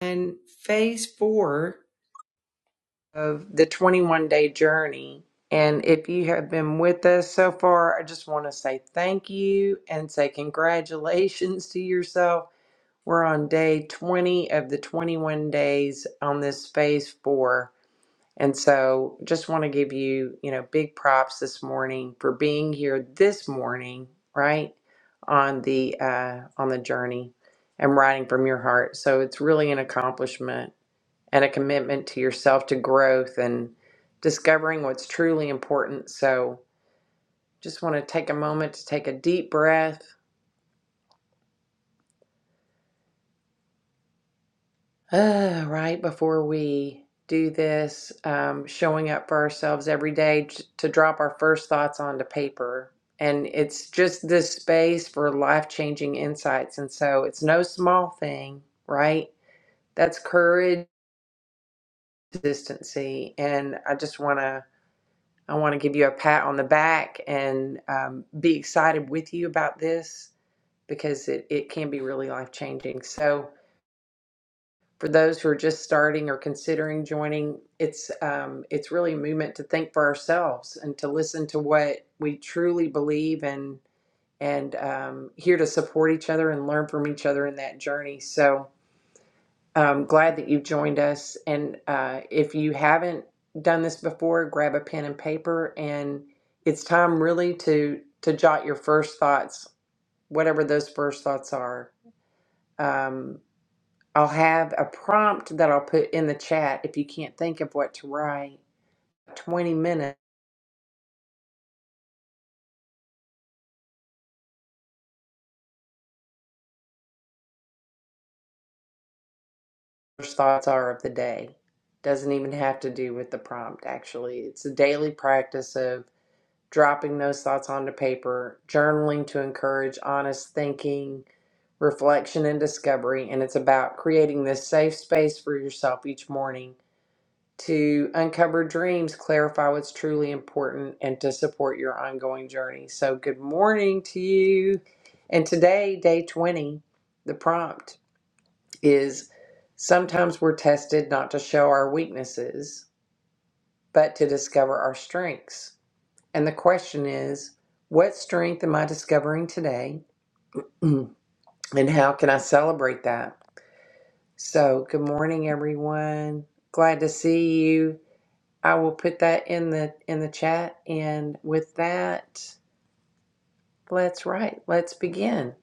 and phase four of the 21 day journey. And if you have been with us so far, I just want to say thank you and say congratulations to yourself. We're on day 20 of the 21 days on this phase four. And so just want to give you, you know, big props this morning for being here this morning, right? On the uh on the journey and writing from your heart. So it's really an accomplishment and a commitment to yourself to growth and discovering what's truly important. So, just want to take a moment to take a deep breath uh, right before we do this, um, showing up for ourselves every day to drop our first thoughts onto paper. And it's just this space for life changing insights. And so, it's no small thing, right? That's courage, consistency. And I just want to I want to give you a pat on the back and um, be excited with you about this because it, it can be really life changing. So, for those who are just starting or considering joining, it's um, it's really a movement to think for ourselves and to listen to what we truly believe and and um, here to support each other and learn from each other in that journey. So, um, glad that you've joined us. And uh, if you haven't done this before, grab a pen and paper. And it's time really to to jot your first thoughts, whatever those first thoughts are. Um, I'll have a prompt that I'll put in the chat if you can't think of what to write. Twenty minutes first thoughts are of the day. Doesn't even have to do with the prompt. Actually, it's a daily practice of. dropping those thoughts onto paper, journaling to encourage honest thinking, reflection, and discovery. And it's about creating this safe space for yourself each morning to uncover dreams, clarify what's truly important, and to support your ongoing journey. So, good morning to you. And today, day 20, the prompt is sometimes we're tested not to show our weaknesses, but to discover our strengths. And the question is, what strength am I discovering today? And how can I celebrate that? So, good morning everyone. Glad to see you. I will put that in the in the chat and with that, let's write. Let's begin.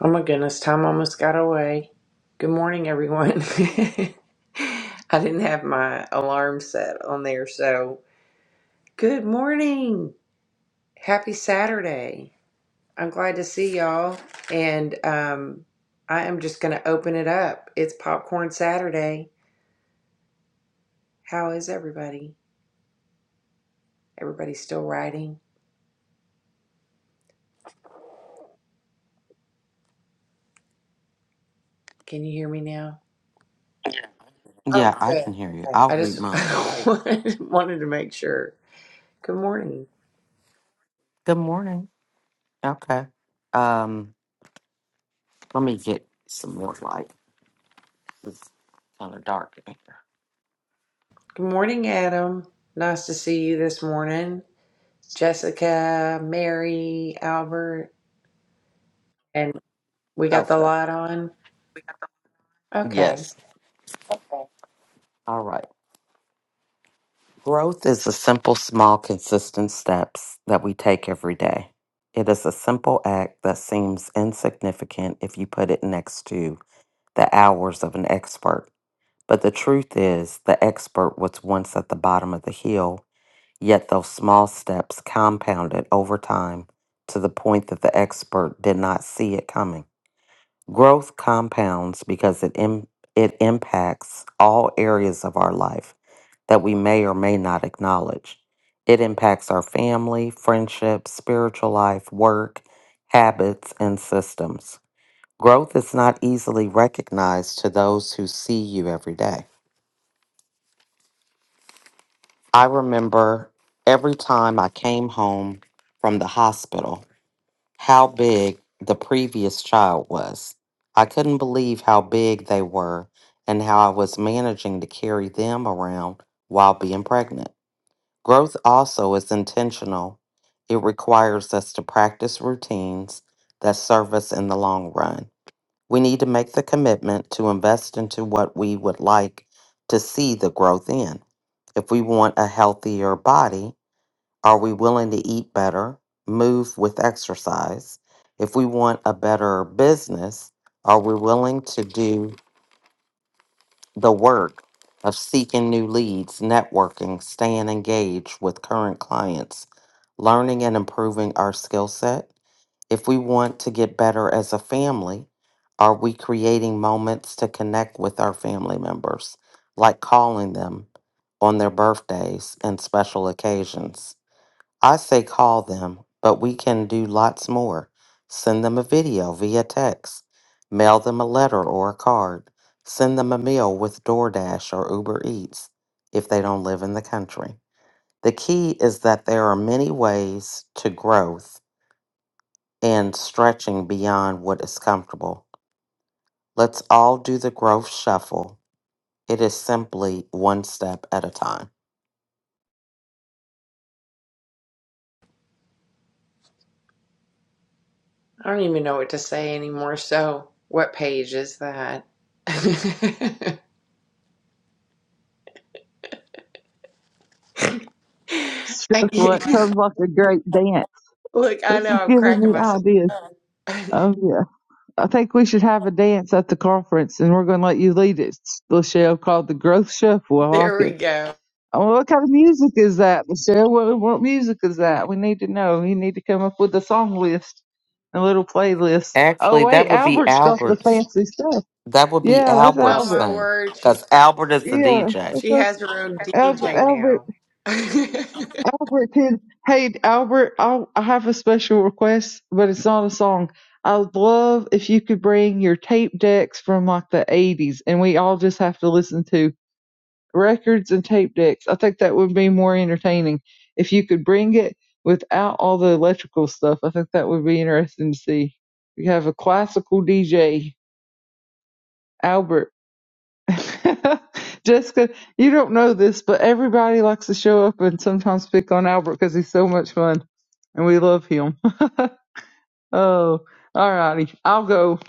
Oh my goodness, time almost got away. Good morning everyone. I didn't have my alarm set on there, so good morning. Happy Saturday. I'm glad to see y'all. And um, I am just going to open it up. It's Popcorn Saturday. How is everybody? Everybody's still writing. Can you hear me now? Oh, Yeah, I good. can hear you. Okay. I'll I read just mine. I wanted wanted to make sure. Good morning. Good morning. Okay. Um, let me get some more light. It's kind of dark in here. Good morning, Adam. Nice to see you this morning. Jessica, Mary, Albert, and we got the Okay. light on. Okay. Yes. All right. Growth is the simple, small, consistent steps that we take every day. It is a simple act that seems insignificant if you put it next to the hours of an expert. But the truth is, the expert was once at the bottom of the hill Yet those small steps compounded over time to the point that the expert did not see it coming. Growth compounds because it, Im- it impacts all areas of our life that we may or may not acknowledge. It impacts our family, friendships, spiritual life, work, habits, and systems. Growth is not easily recognized to those who see you every day. I remember every time I came home from the hospital how big the previous child was. I couldn't believe how big they were and how I was managing to carry them around while being pregnant. Growth also is intentional. It requires us to practice routines that serve us in the long run. We need to make the commitment to invest into what we would like to see the growth in. If we want a healthier body, are we willing to eat better, move with exercise? If we want a better business, are we willing to do the work of seeking new leads, networking, staying engaged with current clients, learning and improving our skill set? If we want to get better as a family, are we creating moments to connect with our family members, like calling them on their birthdays and special occasions? I say call them, but we can do lots more. Send them a video via text, mail them a letter or a card, send them a meal with DoorDash or Uber Eats if they don't live in the country. The key is that there are many ways to growth and stretching beyond what is comfortable. Let's all do the growth shuffle. It is simply one step at a time. I don't even know what to say anymore. So, what page is that? Thank you. What sounds like a great dance. look, I This know is I'm giving cracking me myself. ideas. Oh yeah. I think we should have a dance at the conference and we're gonna let you lead it, Lachelle, called the Growth Shuffle. I like there we it. go. Oh, what kind of music is that, Michelle? What, what music is that? We need to know. You need to come up with a song list, a little playlist. Oh Actually, wait, that would be Albert's got the Albert. fancy stuff. That would be Yeah, that's Oh Albert's Albert. my thing. word, she's Because got, Albert is the Yeah, DJ. that's, she that's has her own Al- DJ Albert. now. Albert, can, hey Albert, I'll, I have a special request, but it's not a song. I'd love if you could bring your tape decks from like the '80s, and we all just have to listen to records and tape decks. I think that would be more entertaining if you could bring it without all the electrical stuff. I think that would be interesting to see. We have a classical DJ, Albert. Jessica, you don't know this, but everybody likes to show up and sometimes pick on Albert because he's so much fun and we love him. Oh, all righty. I'll go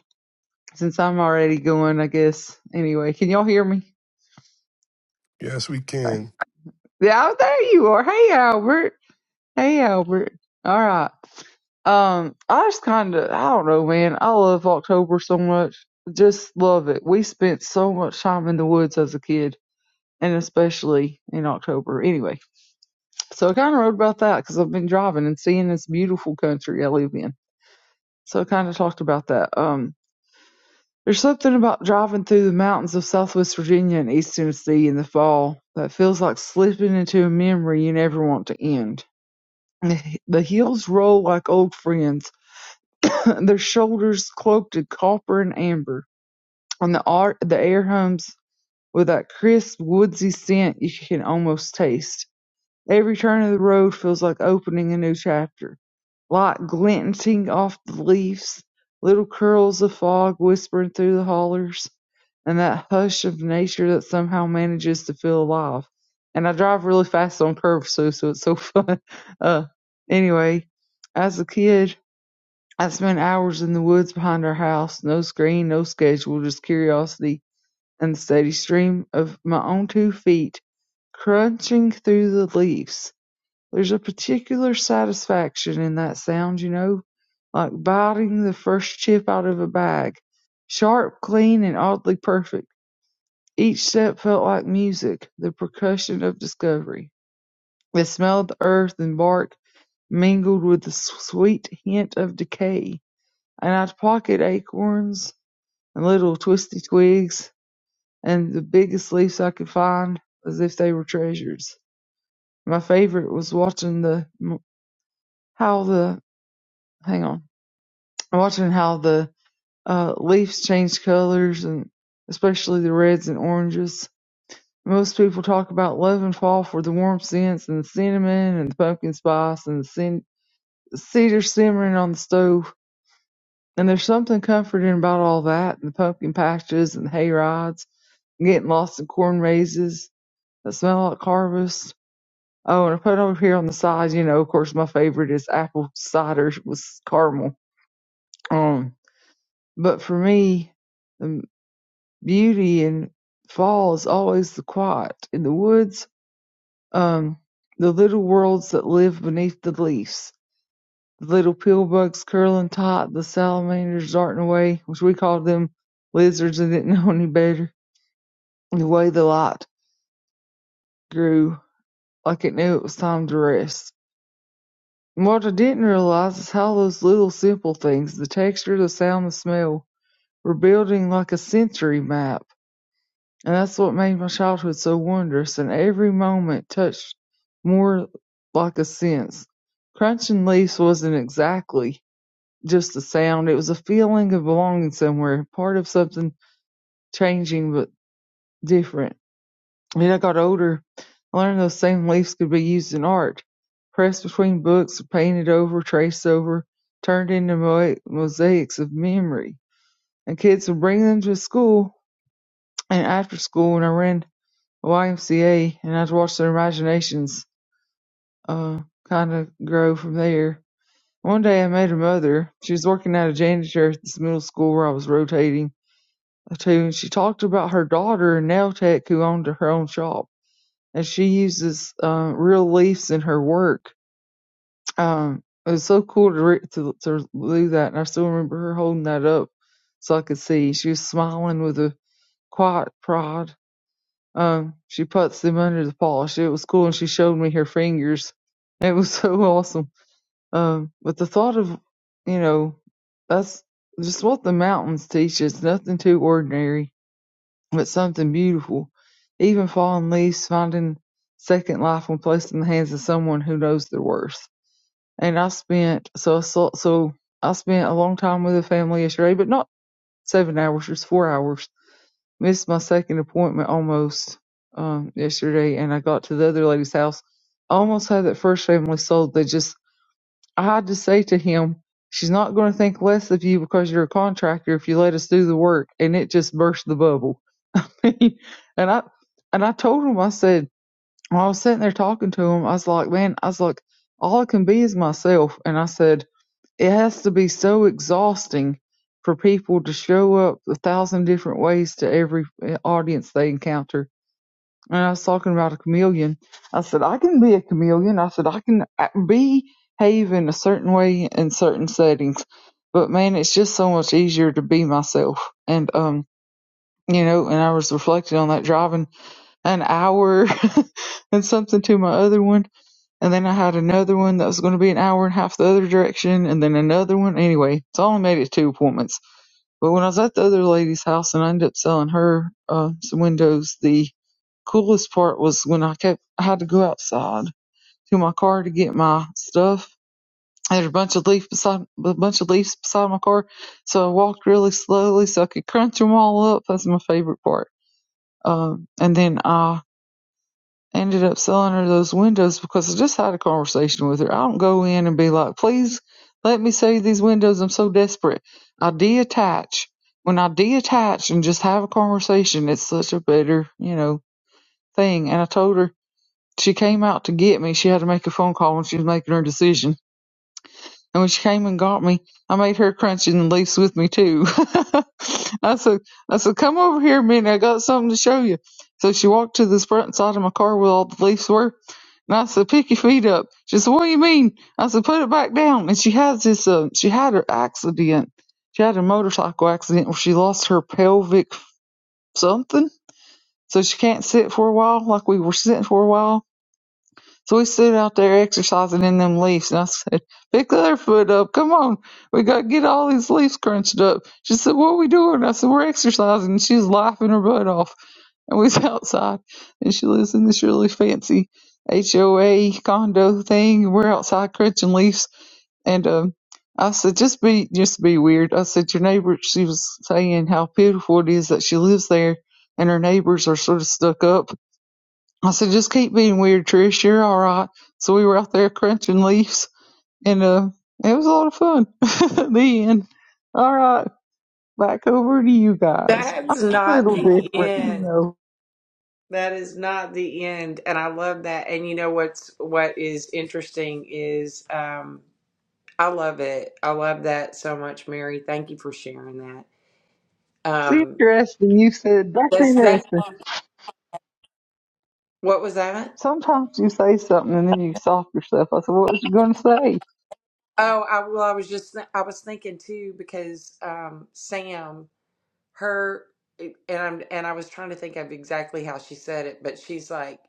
since I'm already going, I guess. Anyway, can y'all hear me? Yes, we can. Yeah, oh, there you are. Hey, Albert. Hey, Albert. All right. Um, I just kind of, I don't know, man. I love October so much. Just love it. We spent so much time in the woods as a kid, and especially in October. Anyway, so I kind of wrote about that because I've been driving and seeing this beautiful country I live in. So I kind of talked about that. Um, There's something about driving through the mountains of Southwest Virginia and East Tennessee in the fall that feels like slipping into a memory you never want to end. The hills roll like old friends, their shoulders cloaked in copper and amber, and the, ar- the air hums with that crisp, woodsy scent you can almost taste. Every turn of the road feels like opening a new chapter. Light glinting off the leaves, little curls of fog whispering through the hollers, and that hush of nature that somehow manages to feel alive. And I drive really fast on curves too, so it's so fun. Uh, anyway, as a kid, I spent hours in the woods behind our house. No screen, no schedule, just curiosity and the steady stream of my own two feet crunching through the leaves. There's a particular satisfaction in that sound, you know, like biting the first chip out of a bag. Sharp, clean, and oddly perfect. Each step felt like music, the percussion of discovery. The smell of the earth and bark mingled with the sweet hint of decay, and I'd pocket acorns and little twisty twigs and the biggest leaves I could find as if they were treasures. My favorite was watching the how the hang on watching how the uh, leaves change colors and especially the reds and oranges. Most people talk about love and fall for the warm scents and the cinnamon and the pumpkin spice and the cin- cedar simmering on the stove. And there's something comforting about all that and the pumpkin patches and hay rides and getting lost in corn mazes that smell like harvest. Oh, and I put over here on the side, you know, of course, my favorite is apple cider with caramel. Um, but for me, um, Beauty in fall is always the quiet. In the woods, um, the little worlds that live beneath the leaves. The little pill bugs curling tight, the salamanders darting away, which we called them lizards and didn't know any better. and The way the light grew, like it knew it was time to rest. And what I didn't realize is how those little simple things, the texture, the sound, the smell, were building like a sensory map And that's what made my childhood so wondrous, and every moment touched more like a sense. Crunching leaves wasn't exactly just a sound, it was a feeling of belonging somewhere, part of something changing but different. When I got older, I learned those same leaves could be used in art, pressed between books, painted over, traced over, turned into mo- mosaics of memory. And kids would bring them to school, and after school, when I ran YMCA and I'd watch their imaginations uh kind of grow from there. One day I met her mother. She was working as a janitor at this middle school where I was rotating to, and she talked about her daughter in nail tech who owned her own shop, and she uses uh, real leaves in her work. Um, it was so cool to, re- to to do that, and I still remember her holding that up so I could see. She was smiling with a quiet pride Um, she puts them under the polish. It was cool, and she showed me her fingers. It was so awesome. Um, but the thought of, you know, that's just what the mountains teach us. Nothing too ordinary, but something beautiful. Even fallen leaves, finding second life when placed in the hands of someone who knows their worth. And I spent so so so I spent a long time with the family yesterday, but not seven hours, just four hours missed my second appointment almost um, yesterday, and I got to the other lady's house. I Almost had that first family sold. They just, I had to say to him, she's not going to think less of you because you're a contractor if you let us do the work. And it just burst the bubble. and I, and I told him, I said, when I was sitting there talking to him, I was like, man, I was like, all I can be is myself. And I said, it has to be so exhausting for people to show up a thousand different ways to every uh, audience they encounter. And I was talking about a chameleon. I said, I can be a chameleon. I said, I can uh, behave in a certain way in certain settings. But man, it's just so much easier to be myself. And, um, you know, and I was reflecting on that driving an hour and something to my other one and then I had another one that was going to be an hour and a half the other direction, and then another one. Anyway, so I only made it two appointments. But when I was at the other lady's house and I ended up selling her uh, some windows, the coolest part was when I kept I had to go outside to my car to get my stuff. There's a bunch of leaf beside a bunch of leaves beside my car, so I walked really slowly so I could crunch them all up. That's my favorite part. Um, and then I ended up selling her those windows because I just had a conversation with her. I don't go in and be like, please let me save these windows. I'm so desperate. I deattach. When I deattach and just have a conversation, it's such a better, you know, thing. And I told her she came out to get me. She had to make a phone call when she was making her decision. And when she came and got me, I made her crunches and leaves with me too. I said, I said, come over here a minute. I got something to show you. So she walked to this front side of my car where all the leaves were. And I said, pick your feet up. She said, what do you mean? I said, put it back down. And she has this, uh, she had her accident. She had a motorcycle accident where she lost her pelvic something. So she can't sit for a while like we were sitting for a while so we stood out there exercising in them leaves, and I said, Pick the other foot up. Come on. We got to get all these leaves crunched up. She said, What are we doing? I said, We're exercising. And she was laughing her butt off. And we was outside, and she lives in this really fancy HOA condo thing. and We're outside crunching leaves. And um, I said, Just be, just be weird. I said, Your neighbor, she was saying how pitiful it is that she lives there, and her neighbors are sort of stuck up I said, just keep being weird, Trish. You're all right. So we were out there crunching leaves, and uh, it was a lot of fun. the end. All right, back over to you guys. I'm That's a not little the different, you end. know. That is not the end, and I love that. And you know what's what is interesting is um, I love it. I love that so much, Mary. Thank you for sharing that. It's Um, interesting. You said that's that's that interesting. What was that? Sometimes you say something and then you stop yourself. I said, what was you going to say? Oh, I well, I was just th- I was thinking too because um, Sam, her, and I'm and I was trying to think of exactly how she said it, but she's like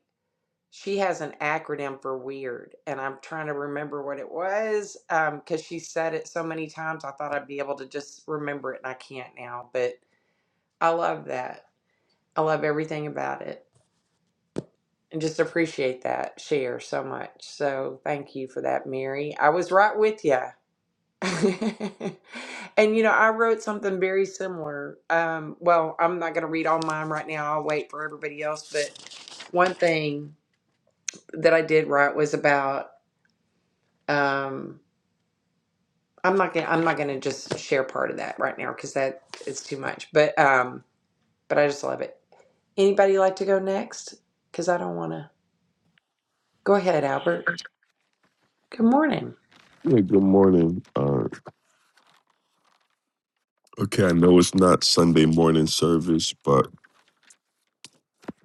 she has an acronym for weird, and I'm trying to remember what it was um, because she said it so many times. I thought I'd be able to just remember it, and I can't now. But I love that. I love everything about it. And just appreciate that share so much. So thank you for that, Mary. I was right with you. And you know, I wrote something very similar. Um, well, I'm not going to read all mine right now. I'll wait for everybody else. But one thing that I did write was about. Um, I'm not gonna. I'm not gonna just share part of that right now because that is too much. But um, but I just love it. Anybody like to go next? Because I don't want to. Go ahead, Albert. Good morning. Yeah, good morning. Uh, okay, I know it's not Sunday morning service, but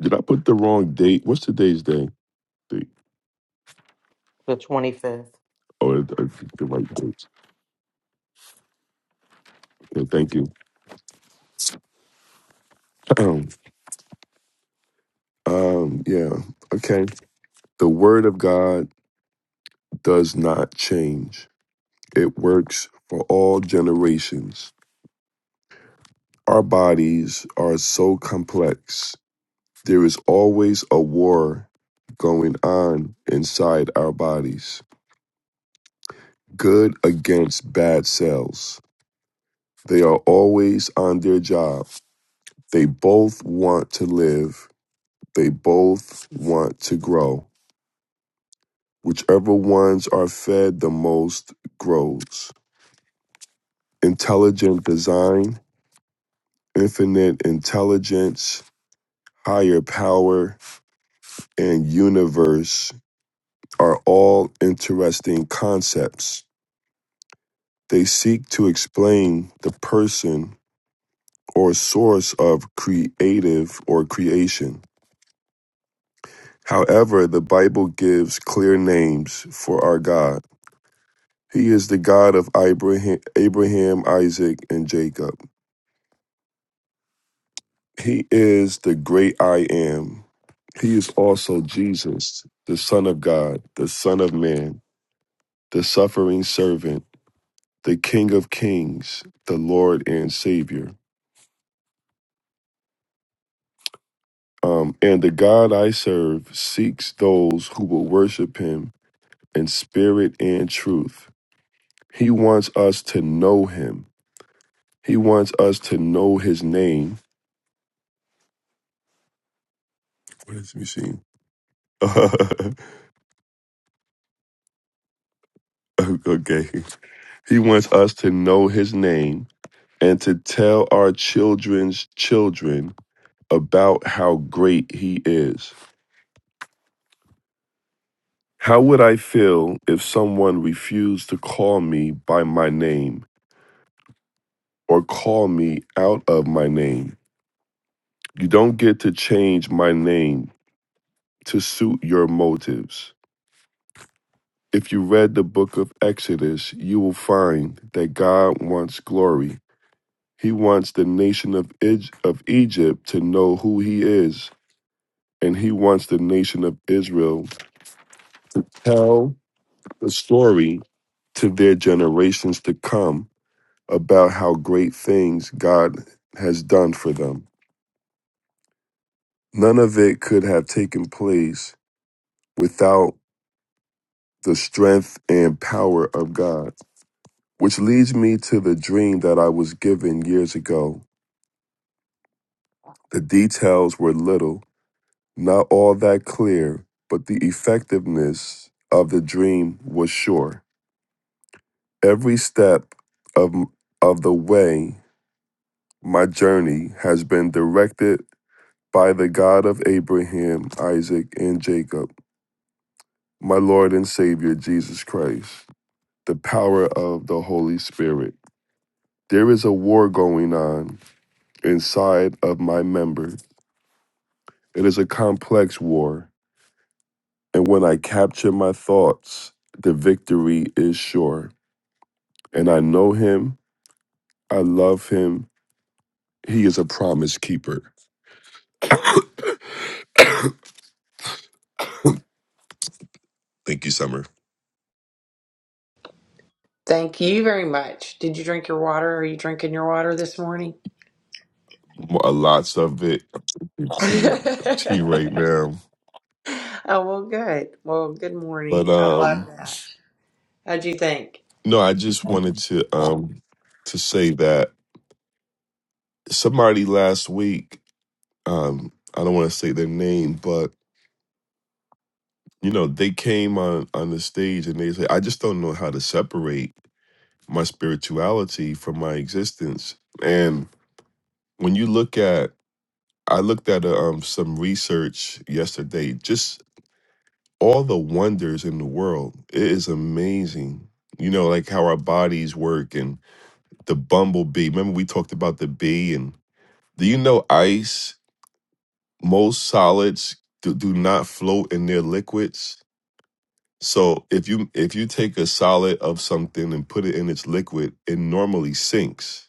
did I put the wrong date? What's today's day? The, The 25th. oh, I I picked the right date. Okay, thank you. um, yeah, okay. The Word of God does not change, it works for all generations. Our bodies are so complex, there is always a war going on inside our bodies. good against bad cells. They are always on their job. They both want to live. They both want to grow. Whichever ones are fed the most grows. Intelligent design, infinite intelligence, higher power, and universe are all interesting concepts. They seek to explain the person or source of creative or creation However, the Bible gives clear names for our God. He is the God of Abraham, Abraham, Isaac, and Jacob. He is the great I am. He is also Jesus, the Son of God, the Son of Man, the suffering servant, the King of Kings, the Lord and Savior. Um, and the God I serve seeks those who will worship him in spirit and truth. He wants us to know him. He wants us to know his name. What is me seeing? okay. He wants us to know his name and to tell our children's children about how great he is. How would I feel if someone refused to call me by my name or call me out of my name? You don't get to change my name to suit your motives. If you read the book of Exodus, you will find that God wants glory. He wants the nation of, of Egypt to know who He is, and He wants the nation of Israel to tell the story to their generations to come about how great things God has done for them. None of it could have taken place without the strength and power of God, which leads me to the dream that I was given years ago The details were little, not all that clear, but the effectiveness of the dream was sure. Every step of, of the way, my journey has been directed by the God of Abraham, Isaac, and Jacob, my Lord and Savior, Jesus Christ, the power of the Holy Spirit. There is a war going on inside of my member. It is a complex war And when I capture my thoughts, the victory is sure. And I know him. I love him. He is a promise keeper. Thank you, Summer. Thank you very much. Did you drink your water? Are you drinking your water this morning? A lots of it to you, to you right now. Oh, well, good. Well, good But morning. I love um, that. How'd you think? no, I just wanted to um to say that somebody last week, um, I don't want to say their name, but you know, they came on on the stage and they said, I just don't know how to separate. my spirituality from my existence. And when you look at, I looked at uh, um, some research yesterday, just all the wonders in the world. It is amazing. You know, like how our bodies work and the bumblebee. Remember, we talked about the bee. And do you know ice? Most solids do, do not float in their liquids. So if you if you take a solid of something and put it in its liquid, it normally sinks.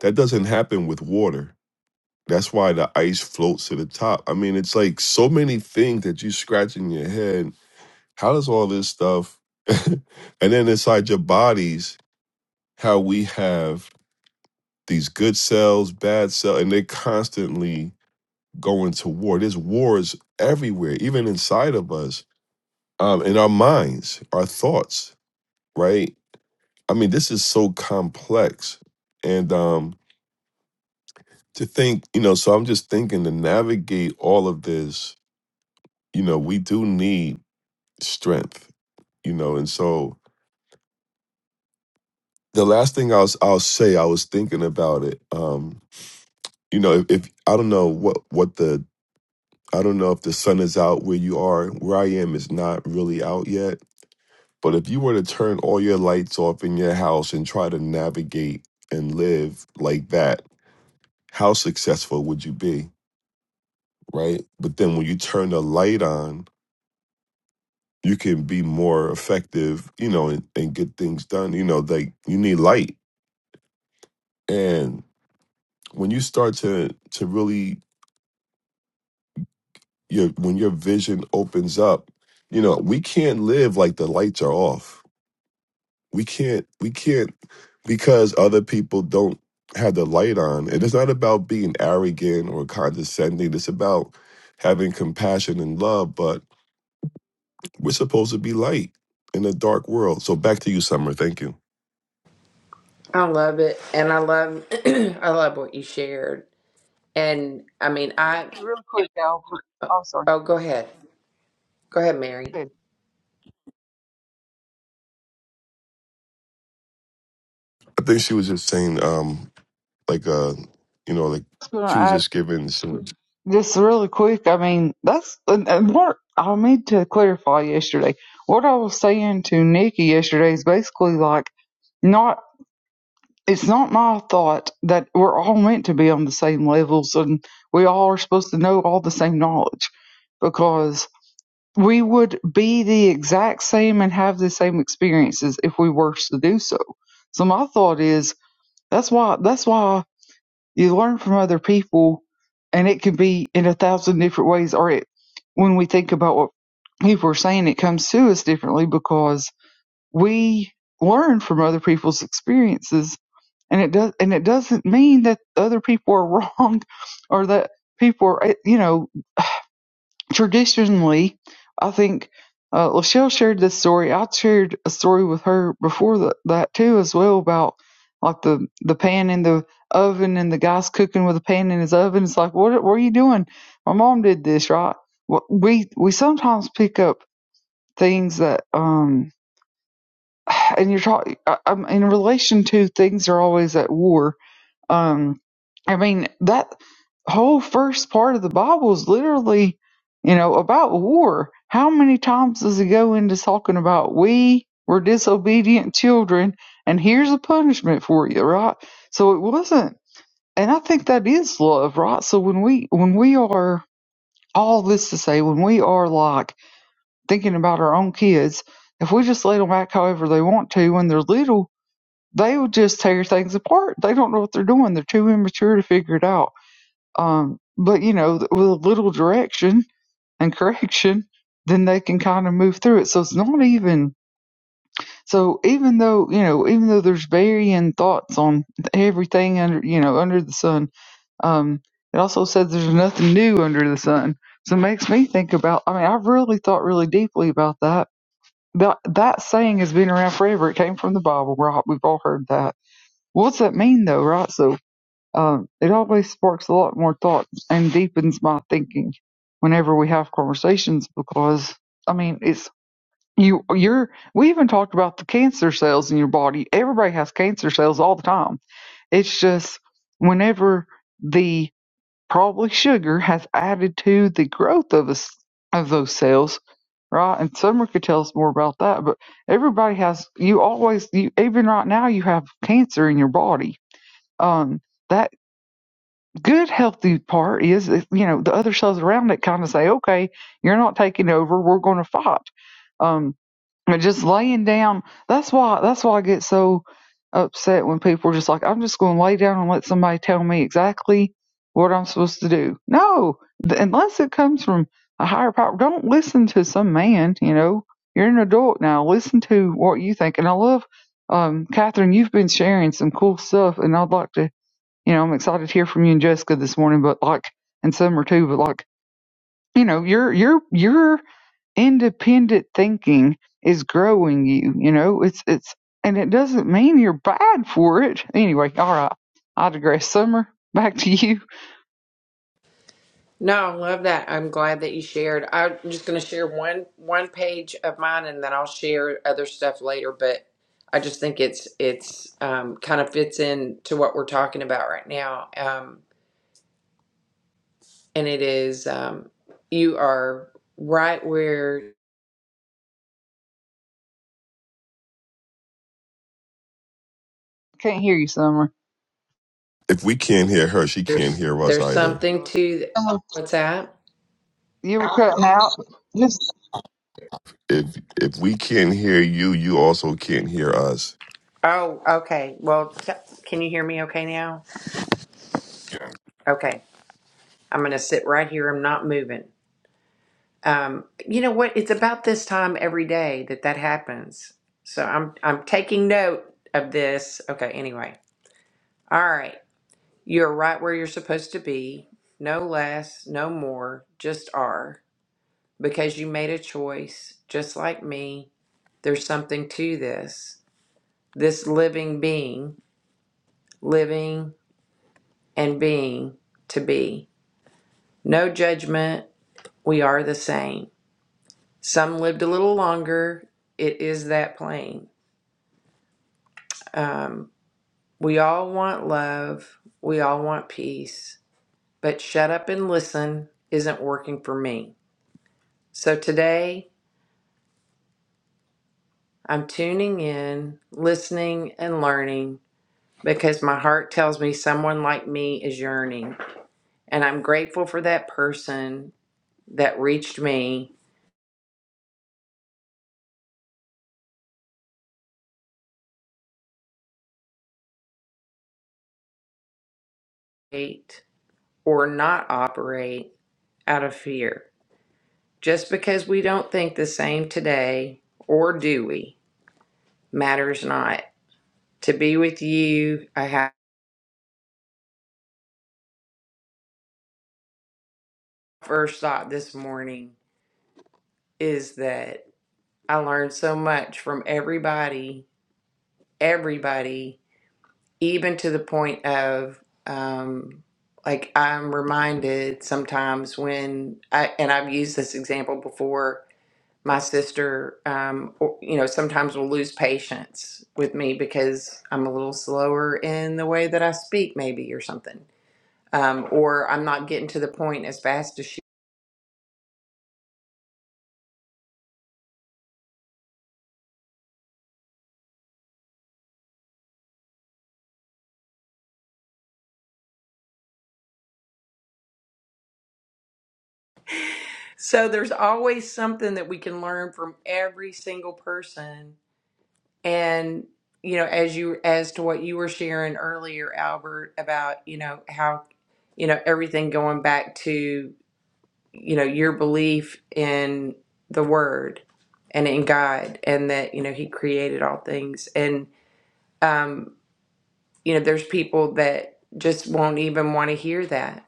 That doesn't happen with water That's why the ice floats to the top. I mean, it's like so many things that you scratch in your head. How does all this stuff, and then inside your bodies, how we have these good cells, bad cells, and they're constantly going to war. There's wars everywhere, even inside of us, um, in our minds, our thoughts, right? I mean, this is so complex. And um, to think, you know, so I'm just thinking to navigate all of this you know, we do need strength, you know. And so the last thing I was I'll say, I was thinking about it. Um, you know, if, if I don't know what what the I don't know if the sun is out where you are. Where I am is not really out yet. But if you were to turn all your lights off in your house and try to navigate and live like that, how successful would you be? Right. But then when you turn the light on, you can be more effective, you know, and, and get things done. You know, like you need light. and. when you start to to really your when your vision opens up you know we can't live like the lights are off we can't we can't because other people don't have the light on and it's not about being arrogant or condescending it's about having compassion and love but we're supposed to be light in a dark world so back to you summer thank you I love it. And I love, I love what you shared. And I mean, I, Hey, Really quick, Albert. oh, I'm sorry. oh, go ahead. Go ahead, I Mary. was i think she was just saying um like uh you know like going she was to just giving some Just really quick, I mean, that's and, and what I need to clarify yesterday. What I was saying to Nikki yesterday is basically like not. It's not my thought that we're all meant to be on the same levels and we all are supposed to know all the same knowledge because we would be the exact same and have the same experiences if we were to do so. So my thought is that's why that's why you learn from other people and it can be in a thousand different ways or it when we think about what people are saying it comes to us differently because we learn from other people's experiences and it does and it doesn't mean that other people are wrong or that people are eh, you know traditionally, I think uh, Lachelle shared this story. I shared a story with her before th that too, as well about like the the pan in the oven and the guy's cooking with a pan in his oven. It's like, what, what are you doing? My mom did this, right? Well, We we sometimes pick up things that um, and you're talking in relation to things that are always at war um, I mean, that whole first part of the Bible is literally, you know, about war. How many times does it go into talking about we were disobedient children and here's a punishment for you, right? So it wasn't and I think that is love, right? So when we when we are all this to say, when we are like thinking about our own kids, if we just let them act however they want to when they're little, they would just tear things apart. They don't know what they're doing. They're too immature to figure it out. Um, but you know, with a little direction and correction, then they can kind of move through it. So it's not even so. Even though you know, even though there's varying thoughts on everything under you know under the sun, um, it also says there's nothing new under the sun. So it makes me think about. I mean, I've really thought really deeply about that. That that saying has been around forever. It came from the Bible. Right? We've all heard that well, What's that mean though, right? So um, it always sparks a lot more thought and deepens my thinking whenever we have conversations because I mean it's you you're we even talked about the cancer cells in your body. Everybody has cancer cells all the time. It's just whenever the probably sugar has added to the growth of us of those cells, right? And Summer could tell us more about that, but everybody has you always you even right now you have cancer in your body um, that good healthy part is if, you know the other cells around it kind of say okay you're not taking over we're going to fight um but just laying down that's why that's why i get so upset when people are just like i'm just going to lay down and let somebody tell me exactly what i'm supposed to do no th- unless it comes from a higher power don't listen to some man you know you're an adult now listen to what you think and i love um catherine you've been sharing some cool stuff and i'd like to you know, I'm excited to hear from you and Jessica this morning, but like, and Summer too, but like, you know, your, your, your independent thinking is growing you, you know, it's, it's, and it doesn't mean you're bad for it. Anyway, all right. I digress. Summer, back to you. No, I love that. I'm glad that you shared. I'm just going to share one, one page of mine and then I'll share other stuff later. But I just think it's, it's, um, kind of fits in to what we're talking about right now. Um, and it is, um, you are right where Can't hear you, Summer. if we can't hear her she can't hear us There's either something to th- what's that? You were cutting out. Just if if we can't hear you, you also can't hear us. Oh, okay. Well, t- can you hear me okay now? Okay. I'm going to sit right here. I'm not moving. Um, you know what? It's about this time every day that that happens. So I'm I'm taking note of this. Okay, anyway. All right. You're right where you're supposed to be. No less, no more, just are because you made a choice just like me. There's something to this. This living being living and being to be. No judgment, we are the same. Some lived a little longer, it is that plain. Um, we all want love, we all want peace, but shut up and listen isn't working for me. So today, I'm tuning in, listening, and learning because my heart tells me someone like me is yearning. And I'm grateful for that person that reached me, eight, or not operate out of fear. Just because we don't think the same today, or do we, matters not. To be with you, I have first thought this morning is that I learned so much from everybody, everybody, even to the point of um, like I'm reminded sometimes when I and I've used this example before my sister, um, or, you know, sometimes will lose patience with me because I'm a little slower in the way that I speak, maybe, or something. Um, or I'm not getting to the point as fast as she. So there's always something that we can learn from every single person. And, you know, as you, as to what you were sharing earlier, Albert, about, you know, how, you know, everything going back to you know your belief in the word and in god and that you know he created all things and um you know there's people that just won't even want to hear that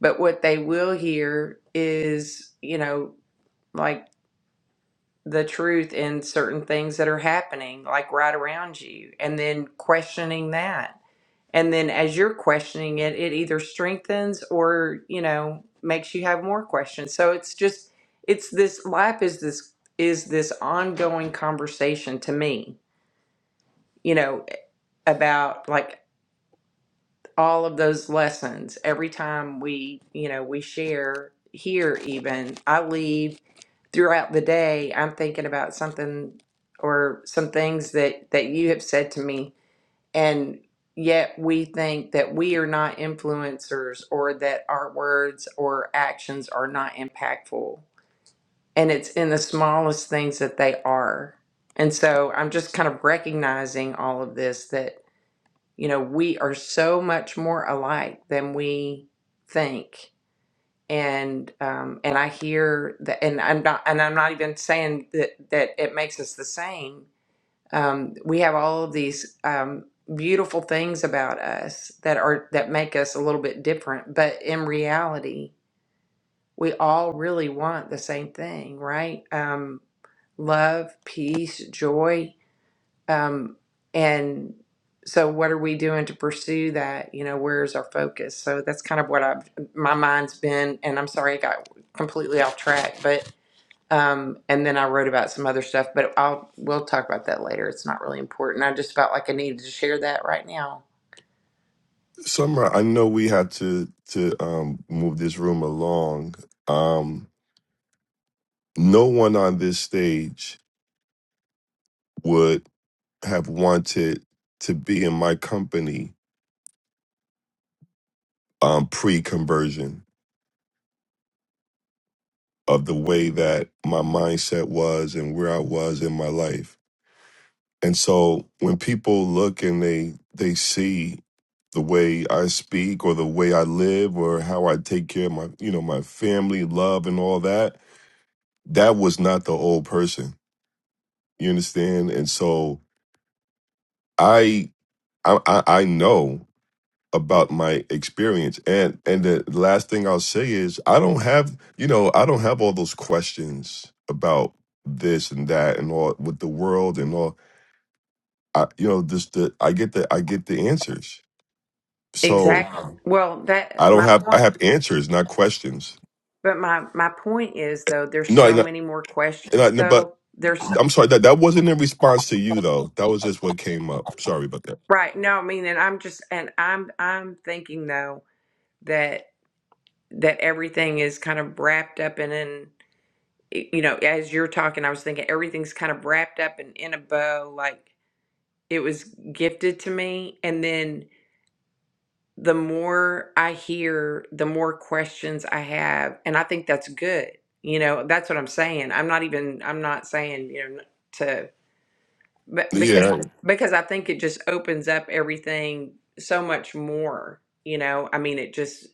but what they will hear is you know like the truth in certain things that are happening like right around you and then questioning that and then as you're questioning it, it either strengthens or, you know, makes you have more questions. So it's just it's this life is this is this ongoing conversation to me, you know, about like all of those lessons. Every time we, you know, we share here even, I leave throughout the day, I'm thinking about something or some things that that you have said to me and yet we think that we are not influencers or that our words or actions are not impactful. And it's in the smallest things that they are. And so I'm just kind of recognizing all of this that, you know, we are so much more alike than we think. And um, and I hear that, and I'm not, and I'm not even saying that that it makes us the same, um, we have all of these um, beautiful things about us that are that make us a little bit different but in reality we all really want the same thing right um, love peace joy um, and so what are we doing to pursue that you know where's our focus so that's kind of what i've my mind's been and i'm sorry i got completely off track but um, and then I wrote about some other stuff, but I'll we'll talk about that later. It's not really important. I just felt like I needed to share that right now. Summer, I know we had to to um, move this room along. Um, no one on this stage would have wanted to be in my company um, pre-conversion of the way that my mindset was and where I was in my life. And so when people look and they they see the way I speak or the way I live or how I take care of my, you know, my family, love and all that, that was not the old person. You understand? And so I I I I know about my experience. And and the last thing I'll say is I don't have, you know, I don't have all those questions about this and that and all with the world and all I you know, just the I get the I get the answers. So Exactly. Um, Well, I that don't my have I point, have answers, not questions. but my my point is though, there's so No, many more And I, questions no, but though. There's so- I'm sorry that that wasn't in response to you though. That was just what came up. Sorry about that. right. No, I mean, and I'm just and I'm I'm thinking though that that everything is kind of wrapped up and in you know as you're talking, I was thinking everything's kind of wrapped up and in a bow, like it was gifted to me, and then the more I hear, the more questions I have. And I think that's good. You know, that's what I'm saying. I'm not even, I'm not saying, you know, to, but because, Yeah, Yeah. because I think it just opens up everything so much more, you know, I mean, it just,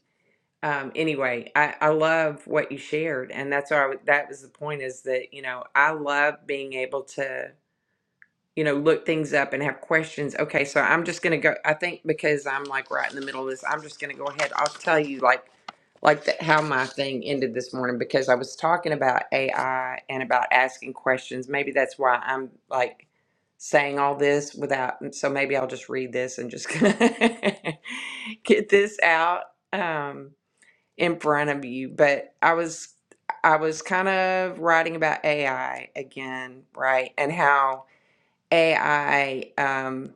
um, anyway, I, I love what you shared. And that's why I, w- that was the point is that, you know, I love being able to, you know, look things up and have questions. Okay, so I'm just gonna go. I think because I'm like right in the middle of this, I'm just gonna go ahead. I'll tell you like like the, how my thing ended this morning because I was talking about AI and about asking questions. Maybe that's why I'm like saying all this without. mm, So maybe I'll just read this and just get this out um, in front of you. But I was I was kind of writing about AI again, right, and how AI um,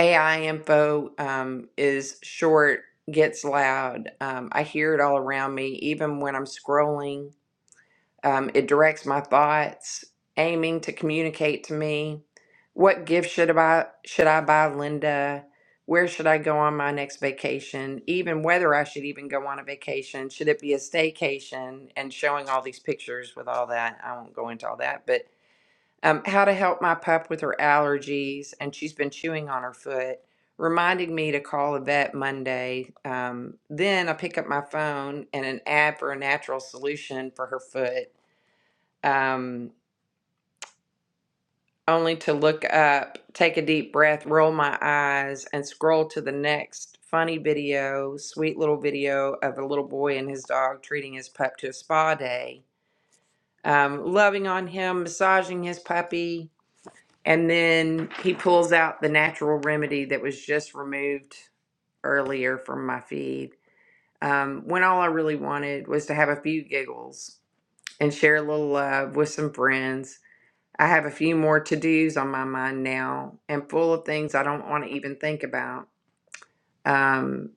AI info um, is short, gets loud. Um, I hear it all around me, even when I'm scrolling. Um, it directs my thoughts, aiming to communicate to me. What gift should I buy? Should I buy Linda? Where should I go on my next vacation? Even whether I should even go on a vacation? Should it be a staycation? And showing all these pictures with all that, I won't go into all that, but um, how to help my pup with her allergies, and she's been chewing on her foot, reminding me to call a vet Monday. Um, then I pick up my phone and an ad for a natural solution for her foot, um, only to look up, take a deep breath, roll my eyes, and scroll to the next funny video, sweet little video of a little boy and his dog treating his pup to a spa day. Um, loving on him, massaging his puppy, And then he pulls out the natural remedy that was just removed earlier from my feed. Um, when all I really wanted was to have a few giggles and share a little love with some friends. I have a few more to dos on my mind now and full of things I don't want to even think about. Um,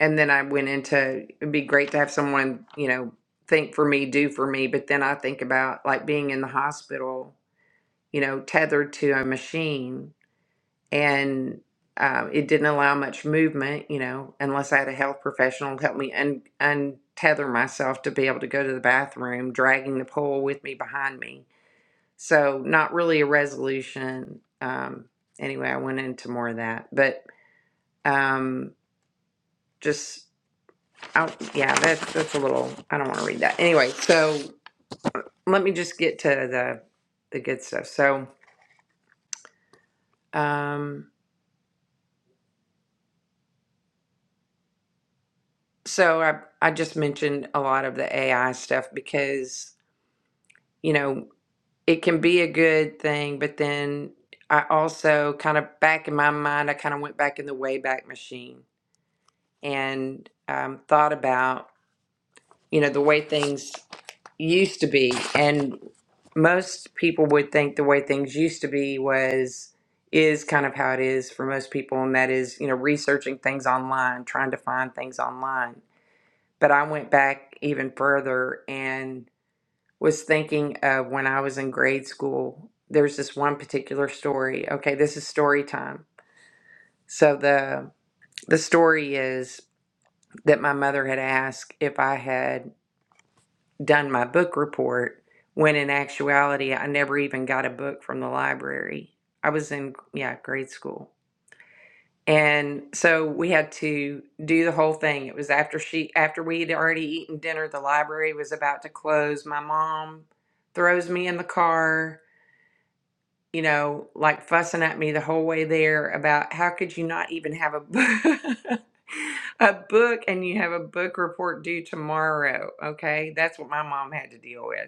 and then I went into it'd be great to have someone, you know, think for me, do for me. But then I think about like being in the hospital, you know, tethered to a machine and um, it didn't allow much movement, you know, unless I had a health professional help me un- untether myself to be able to go to the bathroom, dragging the pole with me behind me. So, not really a resolution. Um, anyway, I went into more of that, but um, just, I, yeah, that, that's a little, I don't want to read that. Anyway, so let me just get to the the good stuff. So, um, So I I just mentioned a lot of the AI stuff because, you know, it can be a good thing, but then I also kind of back in my mind, I kind of went back in the wayback machine and um, thought about, you know, the way things used to be. And most people would think the way things used to be was is kind of how it is for most people and that is, you know, researching things online, trying to find things online But I went back even further and was thinking of when I was in grade school. There's this one particular story. Okay, this is story time. So the the story is that my mother had asked if I had done my book report when in actuality I never even got a book from the library. I was in yeah, grade school. And so we had to do the whole thing. It was after she after we had already eaten dinner, the library was about to close. My mom throws me in the car, you know, like fussing at me the whole way there about how could you not even have a book a book and you have a book report due tomorrow, okay? That's what my mom had to deal with.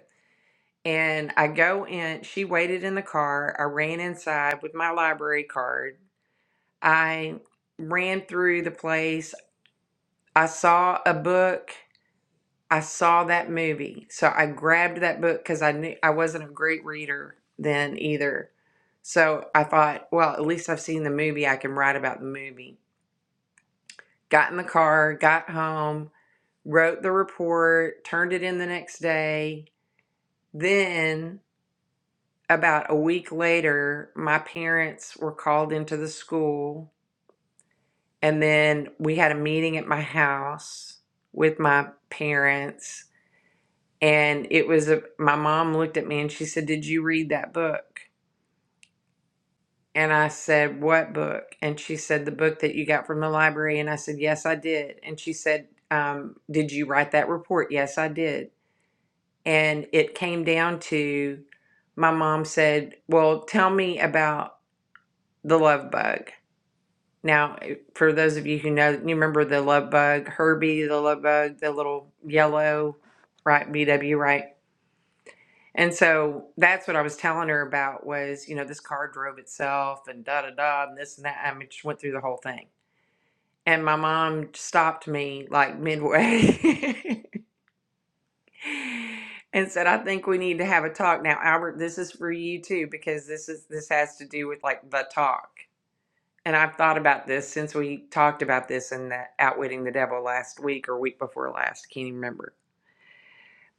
And I go in, she waited in the car. I ran inside with my library card I ran through the place. I saw a book. I saw that movie. So I grabbed that book because I knew I wasn't a great reader then either. So I thought, well, at least I've seen the movie. I can write about the movie. Got in the car, got home, wrote the report, turned it in the next day. Then, about a week later, my parents were called into the school And then we had a meeting at my house with my parents. And it was a, my mom looked at me and she said, Did you read that book? And I said, What book? And she said, The book that you got from the library. And I said, Yes, I did. And she said, um, Did you write that report? Yes, I did. And it came down to my mom said, Well, tell me about the love bug. Now, eh, for those of you who know, you remember the love bug, Herbie, the love bug, the little yellow, right? BW, right? And so that's what I was telling her about was, you know, this car drove itself and da da da and this and that. I mean, just went through the whole thing. And my mom stopped me like midway and said, I think we need to have a talk. Now, Albert, this is for you too, because this is this has to do with like the talk. and I've thought about this since we talked about this in the Outwitting the Devil last week or week before last, can't even remember.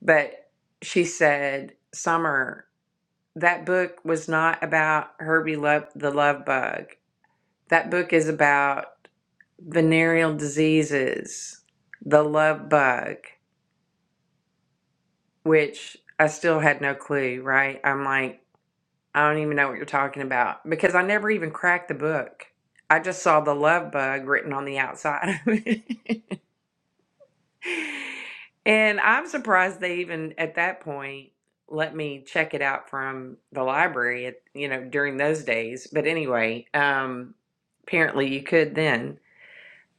But she said, Summer, that book was not about Herbie Love the Love Bug. That book is about venereal diseases, the love bug, which I still had no clue, right? I'm like, I don't even know what you're talking about because I never even cracked the book. I just saw the love bug written on the outside. of it. And I'm surprised they even at that point let me check it out from the library at, you know, during those days. But anyway, um, apparently you could then.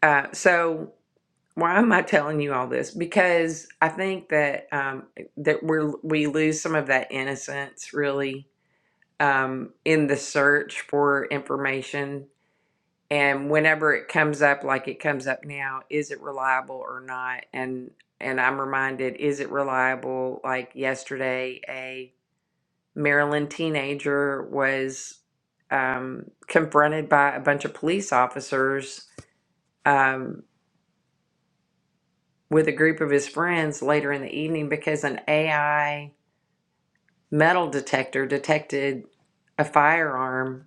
Uh, so why am I telling you all this? Because I think that um, that we're we lose some of that innocence really um, in the search for information and whenever it comes up like it comes up now is it reliable or not and and i'm reminded is it reliable like yesterday a maryland teenager was um, confronted by a bunch of police officers um, with a group of his friends later in the evening because an ai metal detector detected a firearm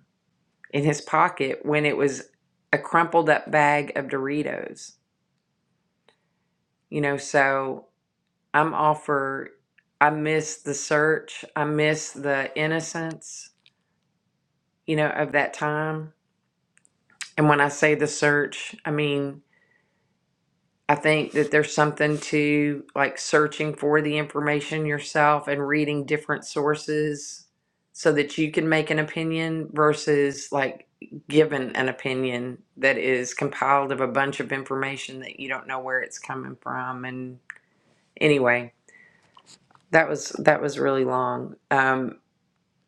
in his pocket when it was a crumpled up bag of doritos you know so I'm all I miss the search. I miss the innocence, you know, of that time. And when I say the search, I mean, I think that there's something to like searching for the information yourself and reading different sources so that you can make an opinion versus like given an opinion that is compiled of a bunch of information that you don't know where it's coming from. And anyway, that was that was really long. Um,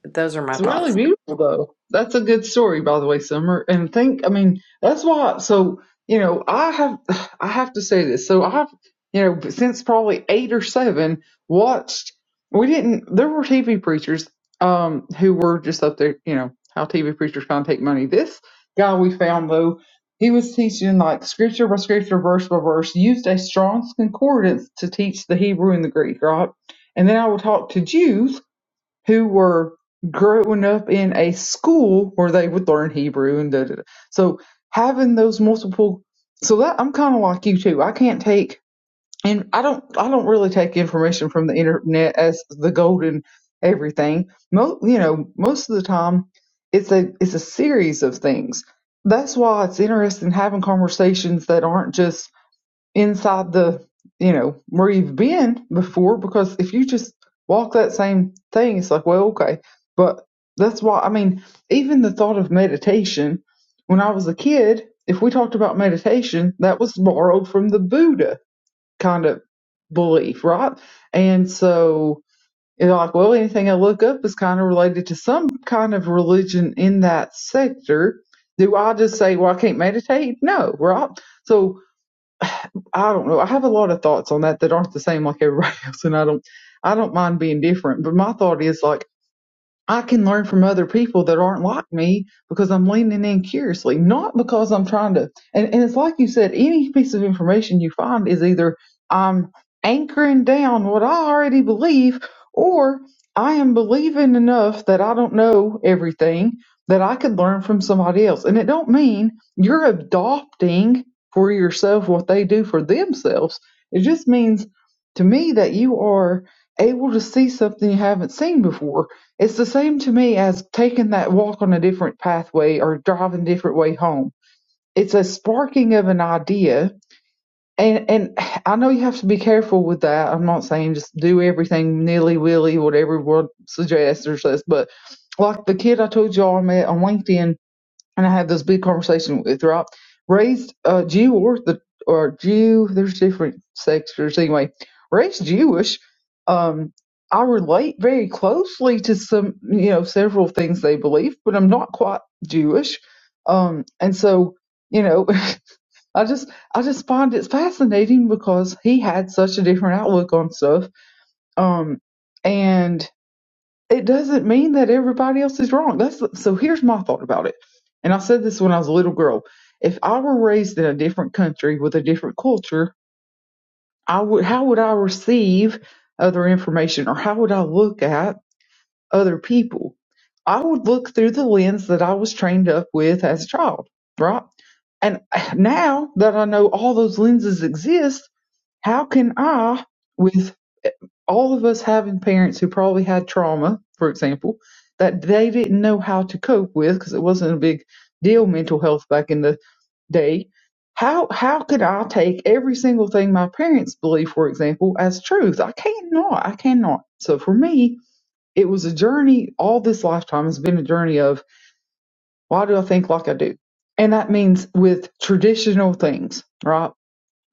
Those are my It's really thoughts. beautiful though. That's a good story, by the way, Summer. And think, I mean, that's why. So you know, I have, I have to say this. So I've, you know, since probably eight or seven, watched. We didn't. There were TV preachers, um, who were just up there. You know how TV preachers kind of take money. This guy we found though, he was teaching like scripture by scripture, verse by verse, used a Strong's concordance to teach the Hebrew and the Greek, right? And then I would talk to Jews who were growing up in a school where they would learn Hebrew and da da da. So having those multiple, so that I'm kind of like you too. I can't take, and I don't, I don't really take information from the internet as the golden everything. Mo, you know, most of the time, it's a it's a series of things. That's why it's interesting having conversations that aren't just inside the you know where you've been before because if you just walk that same thing it's like well okay but that's why i mean even the thought of meditation when i was a kid if we talked about meditation that was borrowed from the buddha kind of belief right and so it's like well anything i look up is kind of related to some kind of religion in that sector do i just say well i can't meditate no right so I don't know. I have a lot of thoughts on that that aren't the same like everybody else, and I don't I don't mind being different. But my thought is like. I can learn from other people that aren't like me because I'm leaning in curiously, not because I'm trying to. And, and it's like you said, any piece of information you find is either I'm anchoring down what I already believe or I am believing enough that I don't know everything that I could learn from somebody else. And it don't mean you're adopting for yourself what they do for themselves. It just means to me that you are able to see something you haven't seen before it's the same to me as taking that walk on a different pathway or driving a different way home. It's a sparking of an idea. And, and I know you have to be careful with that. I'm not saying just do everything nilly willy, whatever everyone suggests or says, but like the kid I told you I met on LinkedIn, and I had this big conversation with Rob, raised uh, Jew or the or Jew. There's different sectors anyway. Raised Jewish, um, I relate very closely to some, you know, several things they believe, but I'm not quite Jewish, um, and so you know, I just I just find it fascinating because he had such a different outlook on stuff, um, and it doesn't mean that everybody else is wrong. That's so. Here's my thought about it, and I said this when I was a little girl. If I were raised in a different country with a different culture, I would. How would I receive other information, or how would I look at other people? I would look through the lens that I was trained up with as a child, right? And now that I know all those lenses exist, how can I, with eh, all of us having parents who probably had trauma, for example, that they didn't know how to cope with because it wasn't a big deal mental health back in the day. How how could I take every single thing my parents believe, for example, as truth? I cannot. I cannot. So for me, it was a journey. All this lifetime has been a journey of why do I think like I do, and that means with traditional things, right?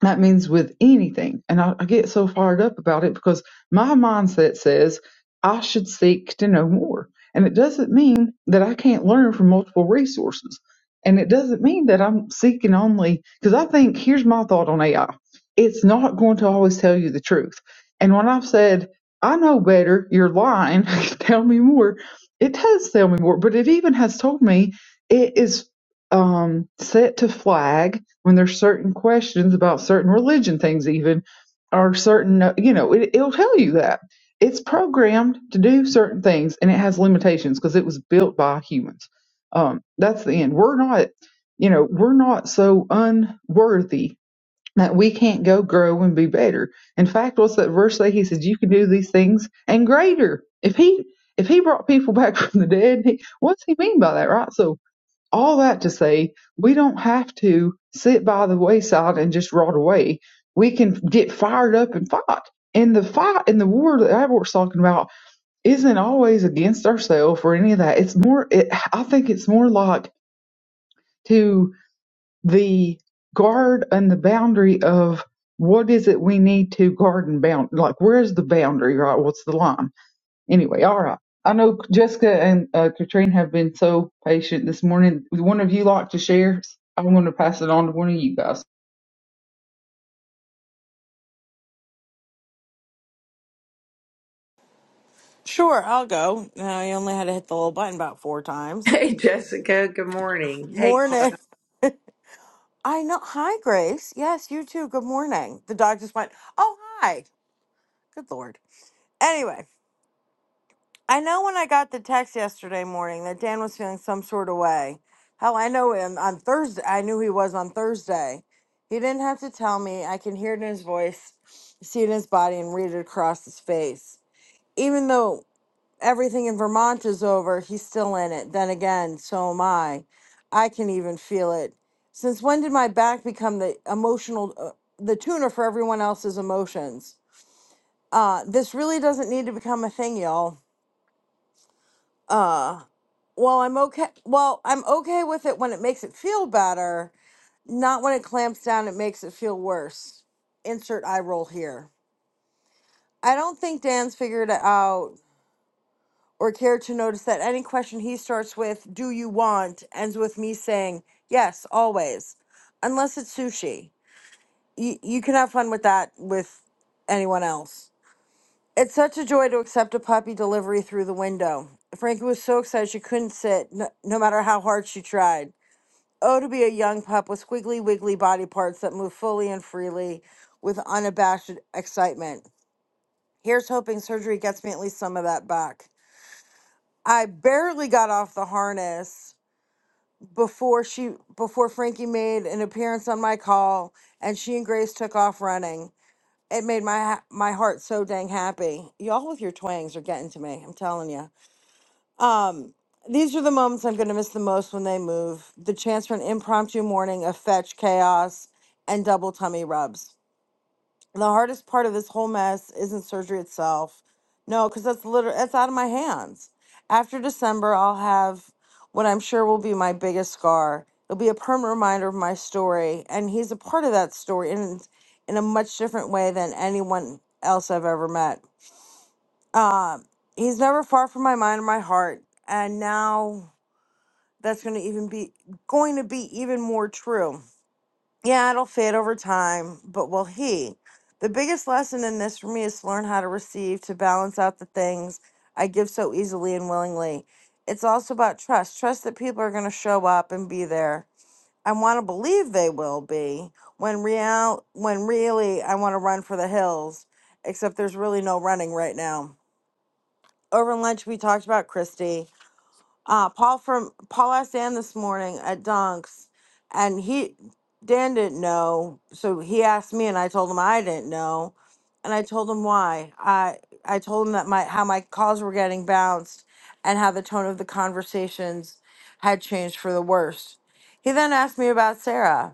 That means with anything. And I, I get so fired up about it because my mindset says I should seek to know more. And it doesn't mean that I can't learn from multiple resources. And it doesn't mean that I'm seeking only, because I think here's my thought on AI it's not going to always tell you the truth. And when I've said, I know better, you're lying, tell me more, it does tell me more, but it even has told me it is um, set to flag when there's certain questions about certain religion things even or certain uh, you know it, it'll tell you that it's programmed to do certain things and it has limitations because it was built by humans um, that's the end we're not you know we're not so unworthy that we can't go grow and be better in fact what's that verse that he says you can do these things and greater if he if he brought people back from the dead he, what's he mean by that right so all that to say, we don't have to sit by the wayside and just rot away. We can get fired up and fight. And the fight and the war that Abbort's talking about isn't always against ourselves or any of that. It's more, it, I think it's more like to the guard and the boundary of what is it we need to guard and bound. Like, where's the boundary, right? What's the line? Anyway, all right. I know Jessica and uh, Katrine have been so patient this morning. Would one of you like to share? I'm going to pass it on to one of you guys. Sure, I'll go. Now I only had to hit the little button about four times. Hey, Jessica. Good morning. Hey, Chloe. Morning. I know. Hi, Grace. Yes, you too. Good morning. The dog just went, Oh, hi. Good Lord. Anyway, I know when I got the text yesterday morning that Dan was feeling some sort of way. Hell, I know him on Thursday. I knew he was on Thursday. He didn't have to tell me. I can hear it in his voice, see it in his body, and read it across his face. Even though everything in Vermont is over, he's still in it. Then again, so am I. I can even feel it. Since when did my back become the emotional, uh, the tuner for everyone else's emotions? Uh, this really doesn't need to become a thing, y'all. Uh, well, I'm okay. Well, I'm okay with it when it makes it feel better, not when it clamps down. It makes it feel worse. Insert eye roll here. I don't think Dan's figured it out or care to notice that any question he starts with, do you want, ends with me saying, yes, always, unless it's sushi. You, you can have fun with that with anyone else. It's such a joy to accept a puppy delivery through the window. Frankie was so excited she couldn't sit, no, no matter how hard she tried. Oh, to be a young pup with squiggly wiggly body parts that move fully and freely with unabashed excitement. Here's hoping surgery gets me at least some of that back. I barely got off the harness before she before Frankie made an appearance on my call and she and Grace took off running. It made my ha- my heart so dang happy. Y'all with your twangs are getting to me. I'm telling you. Um, these are the moments I'm going to miss the most when they move. The chance for an impromptu morning of fetch chaos and double tummy rubs the hardest part of this whole mess isn't surgery itself. No, because that's literally that's out of my hands. After December, I'll have what I'm sure will be my biggest scar. It'll be a permanent reminder of my story, and he's a part of that story in in a much different way than anyone else I've ever met. Um, he's never far from my mind or my heart, and now that's going to even be going to be even more true yeah, it'll fade over time, but will he? The biggest lesson in this for me is to learn how to receive, to balance out the things I give so easily and willingly. It's also about trust trust that people are going to show up and be there. I want to believe they will be when real when really I want to run for the hills except there's really no running right now. Over lunch we talked about Christy uh, Paul from Paul asked Dan this morning at Dunks, and he Dan didn't know, so he asked me, and I told him I didn't know, and I told him why. I I told him that my how my calls were getting bounced, and how the tone of the conversations had changed for the worst. He then asked me about Sarah.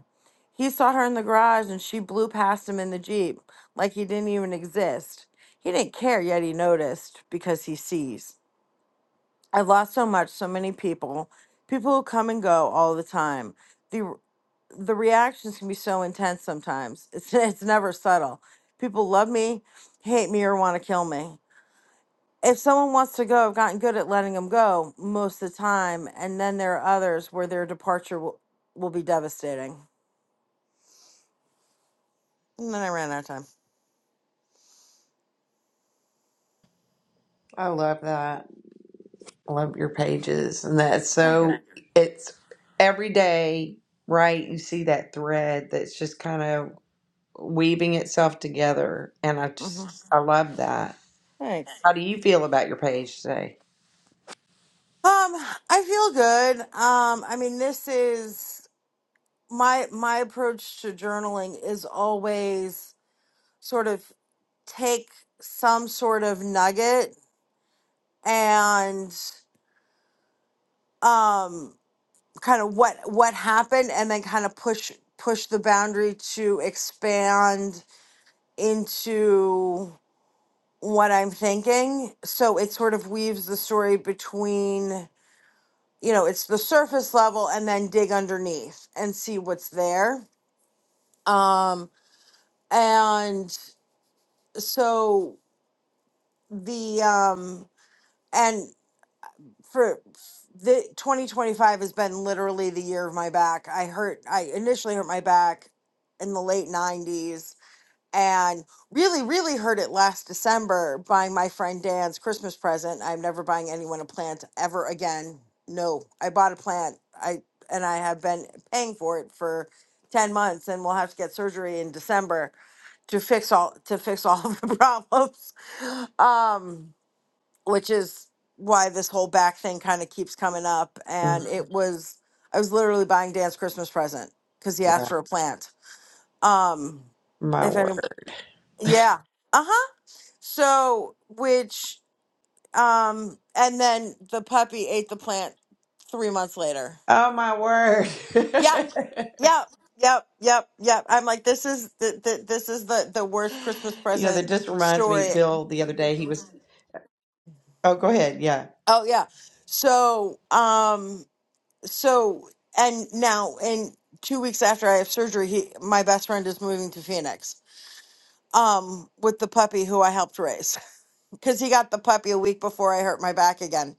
He saw her in the garage, and she blew past him in the jeep like he didn't even exist. He didn't care, yet he noticed because he sees. I've lost so much, so many people, people who come and go all the time. The the reactions can be so intense sometimes. It's it's never subtle. People love me, hate me, or want to kill me. If someone wants to go, I've gotten good at letting them go most of the time, and then there are others where their departure will, will be devastating. And then I ran out of time. I love that. I love your pages. And that's Thank so, you. it's every day, right? You see that thread that's just kind of weaving itself together. And I hmm just, I love that. Thanks. How do you feel about your page today? Um, I feel good. Um, I mean, this is. my my approach to journaling is always sort of take some sort of nugget and um kind of what what happened and then kind of push push the boundary to expand into what I'm thinking so it sort of weaves the story between you know it's the surface level and then dig underneath and see what's there um and so the um and for the 2025 has been literally the year of my back. I hurt I initially hurt my back in the late 90s and really really hurt it last December buying my friend Dan's Christmas present. I'm never buying anyone a plant ever again. No, I bought a plant. I and I have been paying for it for 10 months and we'll have to get surgery in December to fix all to fix all of the problems. Um which is why this whole back thing kind of keeps coming up. And Mm, it was, I was literally buying Dan's Christmas present because he asked Well, for a plant. Um, my if any, word. yeah, uh huh. So, which, um, and then the puppy ate the plant three months later. Oh, my word. Yep, yep, yep, yep, yep. I'm like, this is the, the this is the the worst Christmas you know, that present just reminds me, story. Bill, the other day, he was, oh, go ahead. Yeah. Oh yeah. So, um, so and now in two weeks after I have surgery, he my best friend is moving to Phoenix. Um, with the puppy who I helped raise, because he got the puppy a week before I hurt my back again,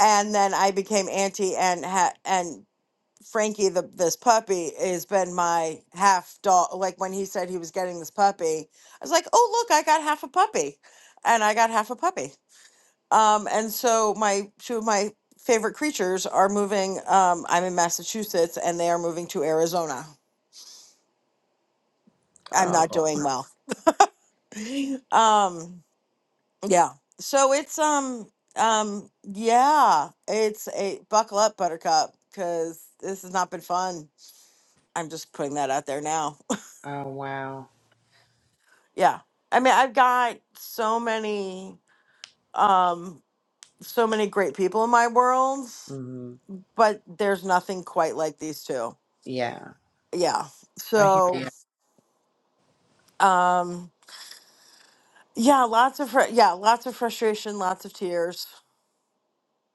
and then I became auntie and ha- and Frankie, the this puppy has been my half dog. Like when he said he was getting this puppy, I was like, oh look, I got half a puppy, and I got half a puppy. Um, and so my two of my favorite creatures are moving. Um, I'm in Massachusetts, and they are moving to Arizona. I'm not Oh, doing well. Um, yeah. So it's um um yeah, it's a buckle up, Buttercup, because this has not been fun. I'm just putting that out there now. oh wow. yeah. I mean, I've got so many um so many great people in my world, Mm-hmm. but there's nothing quite like these two. Yeah, Yeah. I hear So. you. Um, yeah, lots of fr- yeah, lots of frustration, lots of tears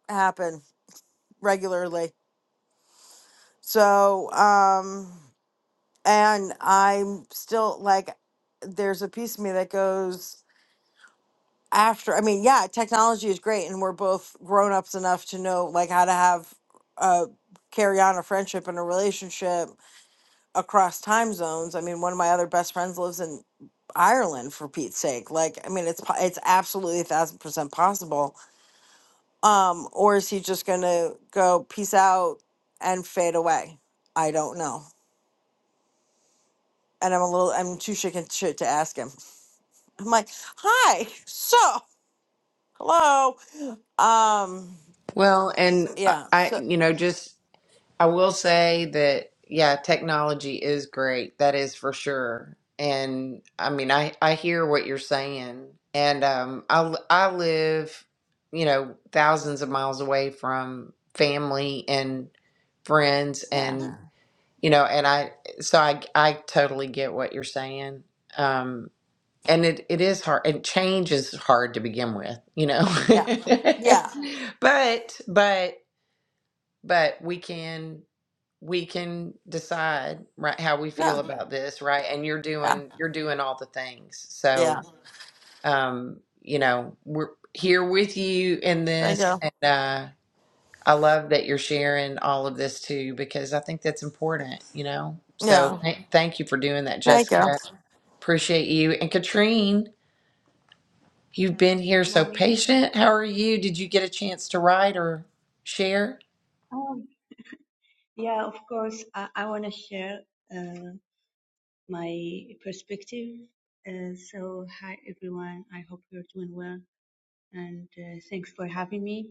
happen regularly. So, um, and I'm still like, there's a piece of me that goes after. I mean, yeah, technology is great, and we're both grown ups enough to know like how to have uh carry on a friendship and a relationship across time zones. I mean, one of my other best friends lives in Ireland for Pete's sake. Like, I mean, it's po- it's absolutely a thousand percent possible Um, or is he just gonna go peace out and fade away? I don't know. And I'm a little, I'm too shaken shit to ask him. I'm like, hi, so hello. Um, Well, and I, yeah, I- so you know, just I will say that, yeah, technology is great. That is for sure. And I mean, I I hear what you're saying. And um, I l- I live, you know, thousands of miles away from family and friends, yeah, and you know, and I so I I totally get what you're saying. Um, and it, it is hard and change is hard to begin with you know yeah, yeah, but but but we can we can decide right how we yeah, feel about this right and you're yeah, doing you're doing all the things yeah. so um you know we're here with you in Thank this you. and uh i love that you're sharing all of this too because i think that's important you know Yeah, so th- thank you for doing that thank you. jessica appreciate you and katrine You've been Hello, here good so morning. patient. How are you? Did you get a chance to write or share? Oh, yeah, of course. I, I want to share uh, my perspective. Uh, so, hi everyone. I hope you're doing well and uh, thanks for having me.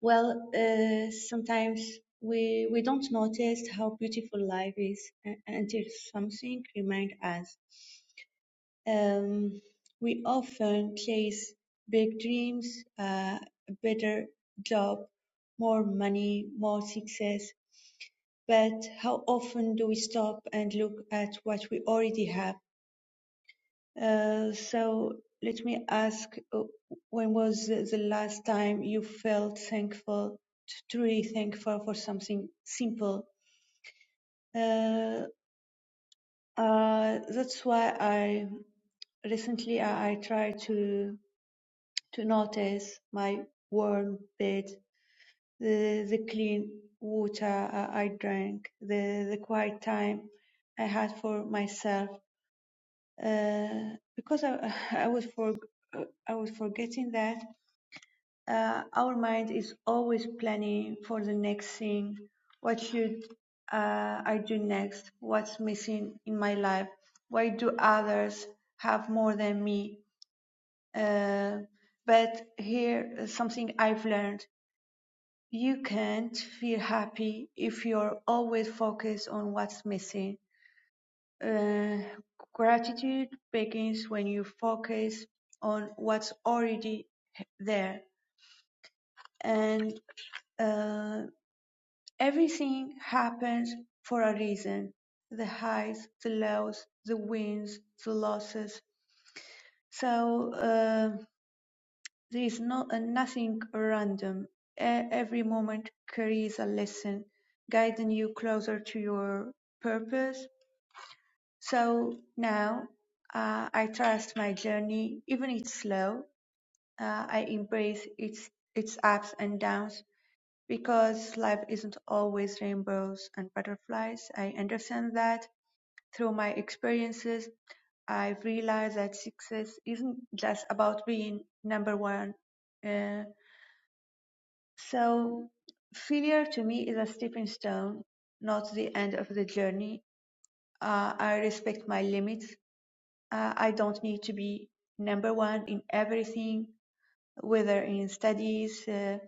Well, uh, sometimes we, we don't notice how beautiful life is u- until something reminds us. Um, we often chase big dreams, uh, a better job, more money, more success but how often do we stop and look at what we already have? Uh, so let me ask, uh, when was the last time you felt thankful, truly thankful for something simple? Uh, uh, that's why I recently I, I try to to notice my warm bed, the, the clean water I drank, the, the quiet time I had for myself uh, because I, I was for uh, I was forgetting that uh, our mind is always planning for the next thing. What should uh, I do next? What's missing in my life? Why do others have more than me? Uh, but here uh, something I've learned: you can't feel happy if you're always focused on what's missing Uh, gratitude begins when you focus on what's already there, and uh, everything happens for a reason the highs, the lows, the wins, the losses. So uh, there is no, uh, nothing random. E- every moment carries a lesson, guiding you closer to your purpose So now uh, I trust my journey, even it's slow. Uh, I embrace its its ups and downs because life isn't always rainbows and butterflies. I understand that through my experiences. I've realized that success isn't just about being number one. Uh, so failure to me is a stepping stone, not the end of the journey. Uh, I respect my limits Uh, I don't need to be number one in everything, whether in studies, uh,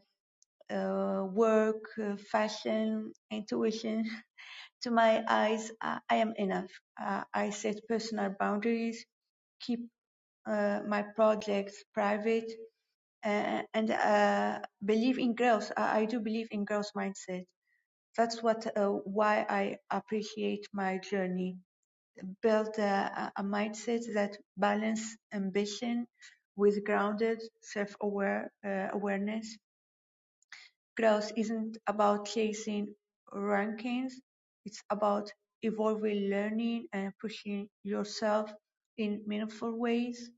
uh, work, uh, fashion, intuition. to my eyes, uh, I am enough. Uh, I set personal boundaries, keep uh, my projects private, uh, and uh, believe in growth. I, I do believe in growth mindset. That's what uh, why I appreciate my journey build a, a mindset that balance ambition with grounded self-aware uh, awareness. Growth isn't about chasing rankings; it's about evolving, learning, and pushing yourself in meaningful ways.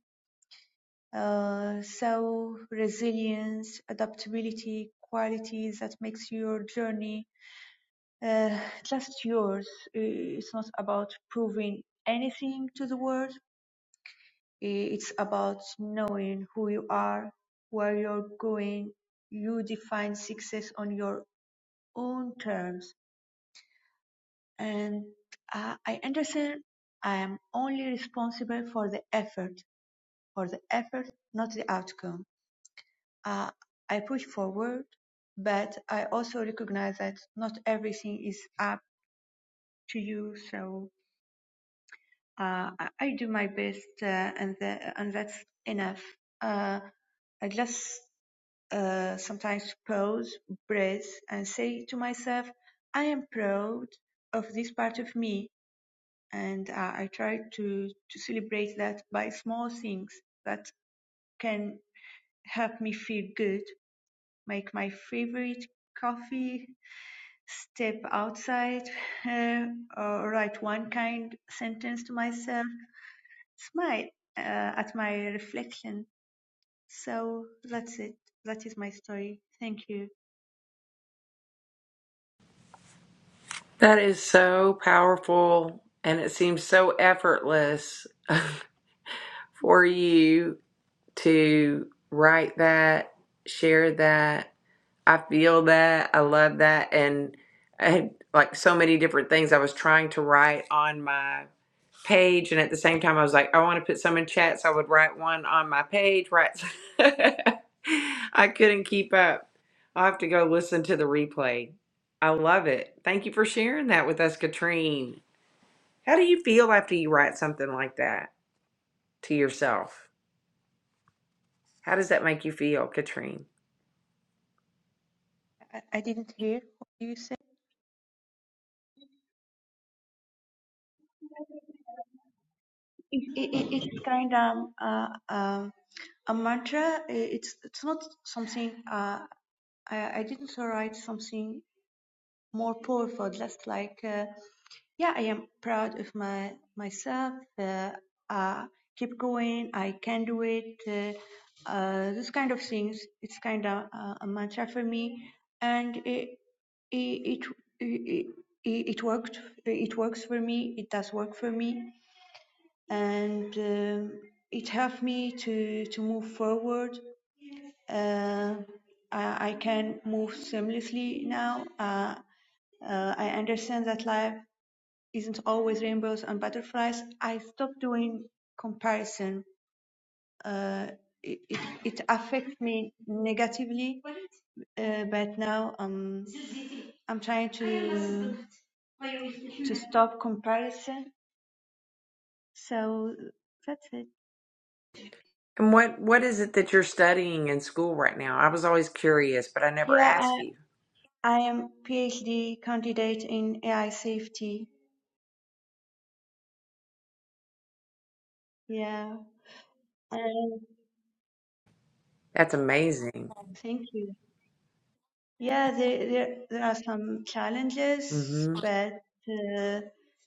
Uh, so resilience, adaptability, qualities that makes your journey uh, just yours. Uh, It's not about proving anything to the world Eh, It's about knowing who you are, where you're going. You define success on your own terms. And uh, I understand I am only responsible for the effort, for the effort, not the outcome. Uh, I push forward, but I also recognize that not everything is up to you. So uh, I do my best, uh, and, the, and that's enough. Uh, I just uh, sometimes pause, breathe, and say to myself, I am proud of this part of me. And uh, I try to, to celebrate that by small things that can help me feel good, make my favorite coffee, step outside, uh, or write one kind sentence to myself, smile uh, at my reflection. So that's it. That is my story. Thank you. That is so powerful, and it seems so effortless for you to write that, share that. I feel that. I love that. And I had like so many different things I was trying to write on my page and at the same time I was like, I want to put some in chat so I would write one on my page, right? I couldn't keep up. I'll have to go listen to the replay. I love it. Thank you for sharing that with us, Katrine. How do you feel after you write something like that to yourself? How does that make you feel, Katrine? I, I didn't hear what you said. It, it, it- it's kind of uh, um, a mantra. It's it's not something. Uh, I, I didn't write something more powerful. Just like uh, yeah, I am proud of my myself. Uh, uh, keep going. I can do it. Uh, uh, this kind of things. It's kind of uh, a mantra for me, and it it it, it it worked. It works for me. It does work for me and um it helped me to to move forward. Uh, I, I can move seamlessly now. Uh, uh, I understand that life isn't always rainbows and butterflies. I stopped doing comparison. Uh, it, it, it affects me negatively, uh, but now um, I'm trying to to stop comparison. So that's it. And what, what is it that you're studying in school right now? I was always curious, but I never Yeah, I, asked you. I am PhD candidate in AI safety. Yeah. And That's amazing. thank you. Yeah, there, there, there are some challenges, Mm-hmm. but uh,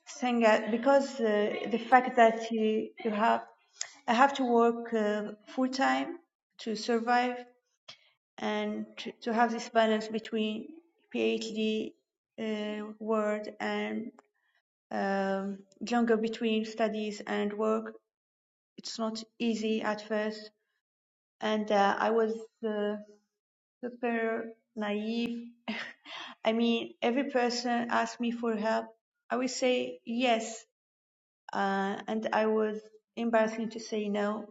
thing that- because uh, the fact that you, you have, I have to work uh, full time to survive and to, to have this balance between PhD uh, world and um, jungle between studies and work it's not easy at first and uh, i was uh, super naive i mean every person asked me for help i would say yes uh, and i was embarrassing to say no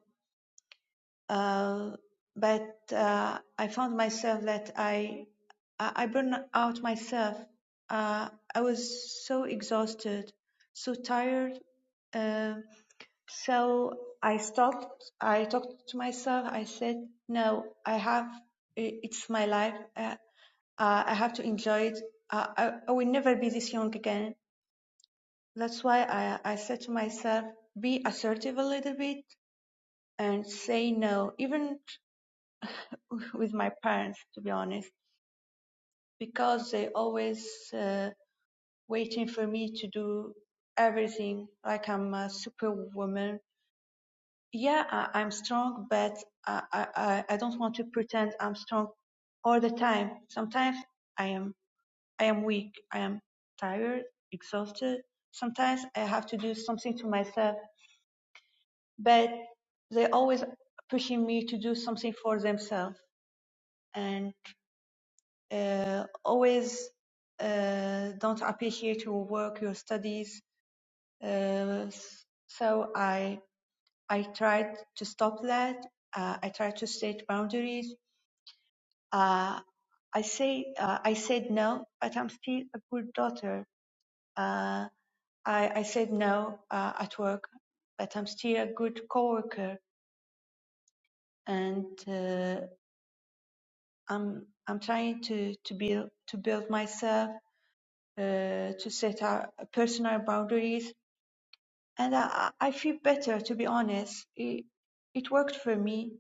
uh, but uh, i found myself that i i I burned out myself uh, i was so exhausted so tired Uh, So I stopped. I talked to myself. I said, no, I have, it's my life. Uh, uh, I have to enjoy it. Uh, I, I will never be this young again. That's why I, I said to myself, be assertive a little bit and say no, even with my parents, to be honest, because they always uh, waiting for me to do everything like I'm a superwoman yeah, I, I'm strong, but I, I, I don't want to pretend I'm strong all the time. Sometimes I am, I am weak. I am tired, exhausted. Sometimes I have to do something to myself, but they always pushing me to do something for themselves and uh, always uh, don't appreciate your work, your studies. Uh, so I, I tried to stop that. Uh, I tried to set boundaries Uh, I say uh, I said no, but I'm still a good daughter. Uh, I, I said no uh, at work, but I'm still a good coworker, and uh, I'm I'm trying to to build to build myself, uh, to set our personal boundaries, and I, I feel better to be honest. It, it worked for me,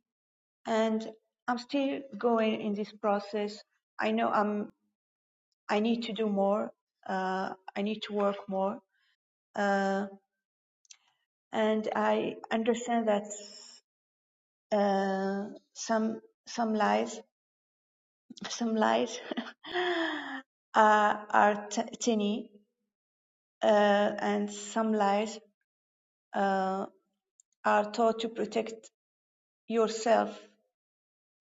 and I'm still going in this process. I know I'm I need to do more. Uh, I need to work more. Uh, and I understand that uh, some some lies, some lies uh, are t- tiny, uh, and some lies uh, are taught to protect yourself.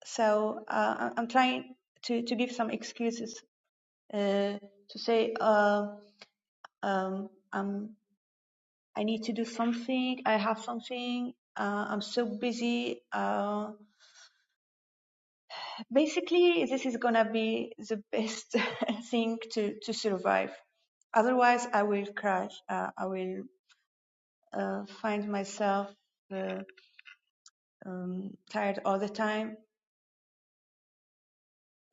So uh, I- am trying to, to give some excuses uh, to say uh, um, I'm I need to do something. I have something. Uh, I'm so busy. Uh, basically, this is gonna be the best thing to to survive. Otherwise, I will crash. Uh, I will uh, find myself uh, um, tired all the time.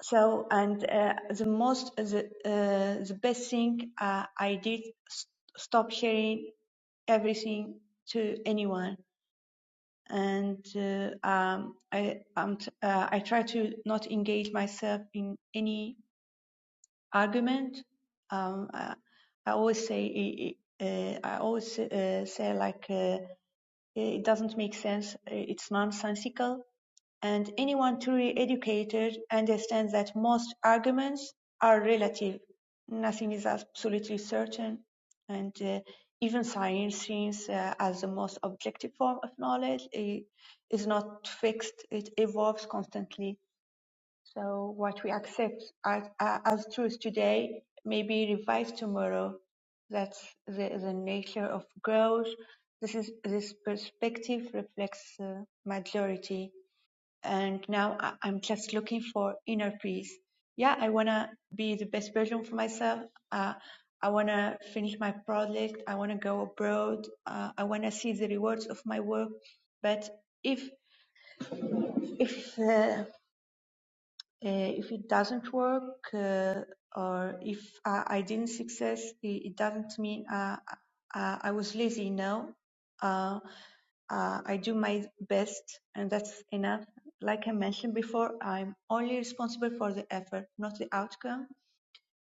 So, and uh, the most the uh, the best thing uh, I did s- stop sharing everything to anyone and uh, um, I um, uh, I try to not engage myself in any argument. Um, I, I always say i- uh, I always uh, say like uh, it doesn't make sense. uh, It's nonsensical and anyone truly educated understands that most arguments are relative. Nothing is absolutely certain. And uh, even science, seems uh, as the most objective form of knowledge, i- is not fixed. It evolves constantly. So what we accept as, uh, as truth today may be revised tomorrow. That's the, the nature of growth. This is this perspective reflects the uh, majority and now I- I'm just looking for inner peace. Yeah, I wanna be the best version for myself. Uh, I wanna finish my project. I wanna go abroad. Uh, I wanna see the rewards of my work. But if if uh, uh, if it doesn't work uh, or if uh, I didn't success, it, it doesn't mean uh, uh, I was lazy. No, uh, uh, I do my best, and that's enough. Like I mentioned before, I'm only responsible for the effort, not the outcome.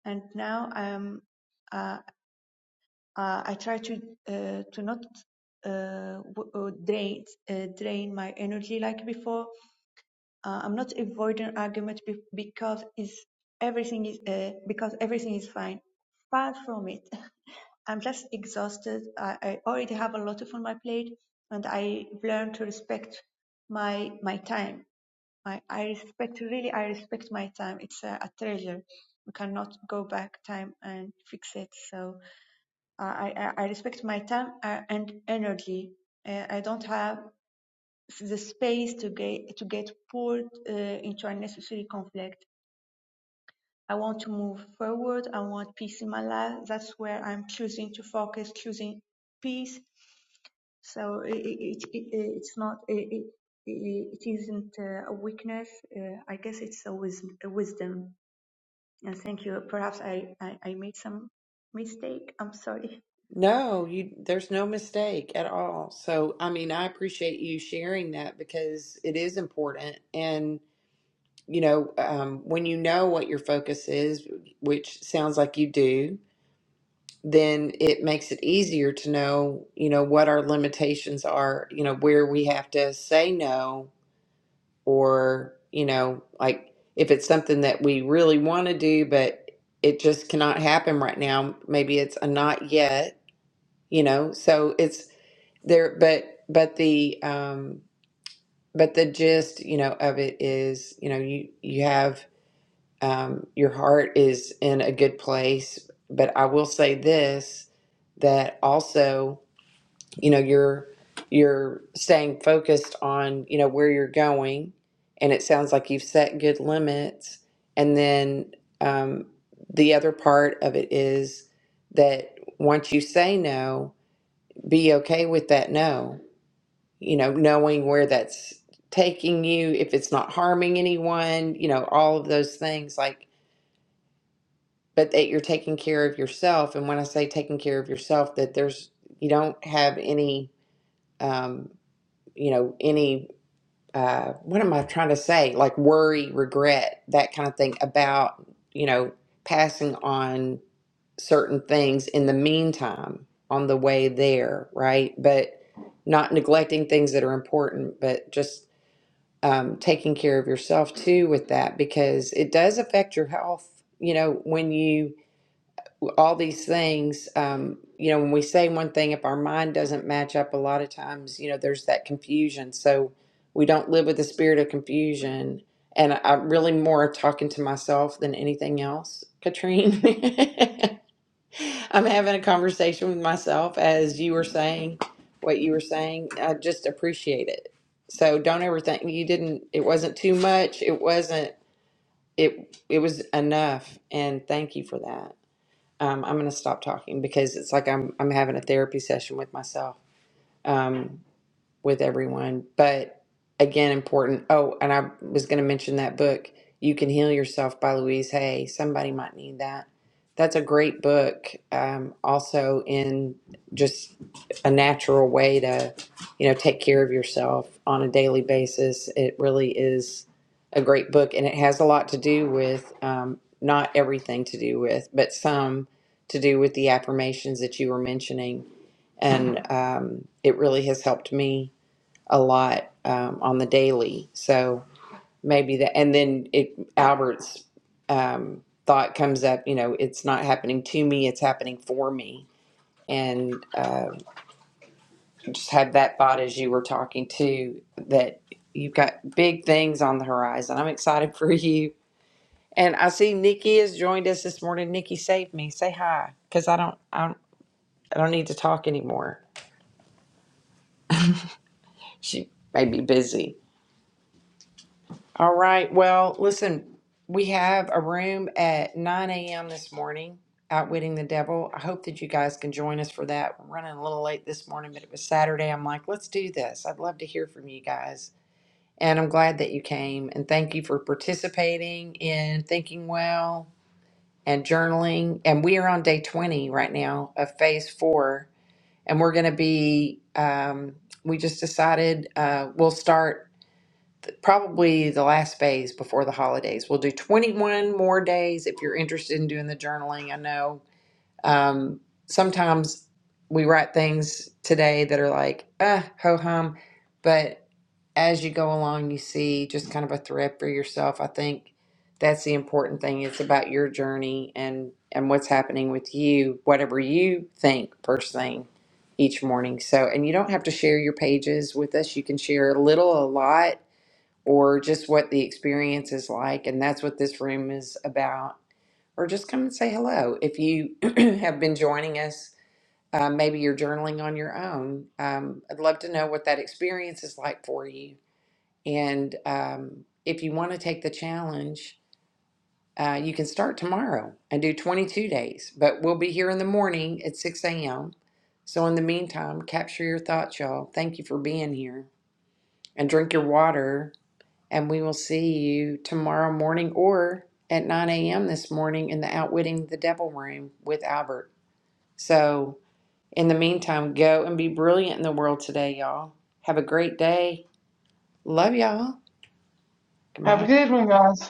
And now I'm uh, uh, I try to uh, to not uh, w- uh, drain uh, drain my energy like before uh, I'm not avoiding argument be- because is everything is uh, because everything is fine. Far from it. I'm just exhausted. I, I already have a lot of on my plate, and I have learned to respect my my time. I, I respect really. I respect my time. It's a, a treasure. We cannot go back time and fix it. So I I, I respect my time uh, and energy. Uh, I don't have the space to get to get pulled uh, into unnecessary conflict. I want to move forward. I want peace in my life. That's where I'm choosing to focus, choosing peace. So it, it, it, it's not it, it, it isn't uh, a weakness. Uh, I guess it's a, wis- a wisdom. And thank you. Perhaps I, I, I made some mistake. I'm sorry. No, you there's no mistake at all. So, I mean, I appreciate you sharing that because it is important. And, you know, um, when you know what your focus is, which sounds like you do, then it makes it easier to know, you know, what our limitations are, you know, where we have to say no or, you know, like if it's something that we really want to do, but it just cannot happen right now, maybe it's a not yet you know so it's there but but the um but the gist you know of it is you know you you have um your heart is in a good place but i will say this that also you know you're you're staying focused on you know where you're going and it sounds like you've set good limits and then um the other part of it is that once you say no be okay with that no you know knowing where that's taking you if it's not harming anyone you know all of those things like but that you're taking care of yourself and when i say taking care of yourself that there's you don't have any um you know any uh what am i trying to say like worry regret that kind of thing about you know passing on certain things in the meantime on the way there, right? But not neglecting things that are important, but just um, taking care of yourself too with that because it does affect your health. You know, when you, all these things, um, you know, when we say one thing, if our mind doesn't match up, a lot of times, you know, there's that confusion. So we don't live with the spirit of confusion. And I- I'm really more talking to myself than anything else, Katrine. I'm having a conversation with myself as you were saying what you were saying. I just appreciate it. So don't ever think you didn't it wasn't too much. It wasn't it it was enough and thank you for that. Um, I'm gonna stop talking because it's like I'm I'm having a therapy session with myself. Um, with everyone. But again, important. Oh, and I was going to mention that book, You Can Heal Yourself by Louise Hay. Somebody might need that. That's a great book. Um, also, in just a natural way to, you know, take care of yourself on a daily basis. It really is a great book, and it has a lot to do with um, not everything to do with, but some to do with the affirmations that you were mentioning and um, it really has helped me a lot um, on the daily. So maybe that, and then it Albert's um, thought comes up. You know, it's not happening to me; it's happening for me. And uh, just had that thought as you were talking too that you've got big things on the horizon. I'm excited for you. And I see Nikki has joined us this morning. Nikki, save me. Say hi, because I don't, I don't, I don't need to talk anymore. She may be busy. All right. Well, listen, we have a room at 9 a.m. this morning, Outwitting the Devil. I hope that you guys can join us for that. We're running a little late this morning, but it was Saturday. I'm like, let's do this. I'd love to hear from you guys. And I'm glad that you came. And thank you for participating in Thinking Well and journaling. And we are on day 20 right now of phase four. And we're going to be, um, we just decided uh, we'll start probably the last phase before the holidays. We'll do 21 more days if you're interested in doing the journaling. I know um, sometimes we write things today that are like, ah, ho hum. But as you go along, you see just kind of a thread for yourself. I think that's the important thing. It's about your journey and and what's happening with you, whatever you think first thing each morning. So, and you don't have to share your pages with us. You can share a little, a lot or just what the experience is like. And that's what this room is about. Or just come and say hello. If you have been joining us, uh, maybe you're journaling on your own. Um, I'd love to know what that experience is like for you. And um, if you want to take the challenge, uh, you can start tomorrow and do 22 days, but we'll be here in the morning at 6 a.m. So, in the meantime, capture your thoughts, y'all. Thank you for being here and drink your water and we will see you tomorrow morning or at 9 a.m. this morning in the Outwitting the Devil room with Albert. So, in the meantime, go and be brilliant in the world today, y'all. Have a great day. Love y'all. Have Goodbye. a good one, guys.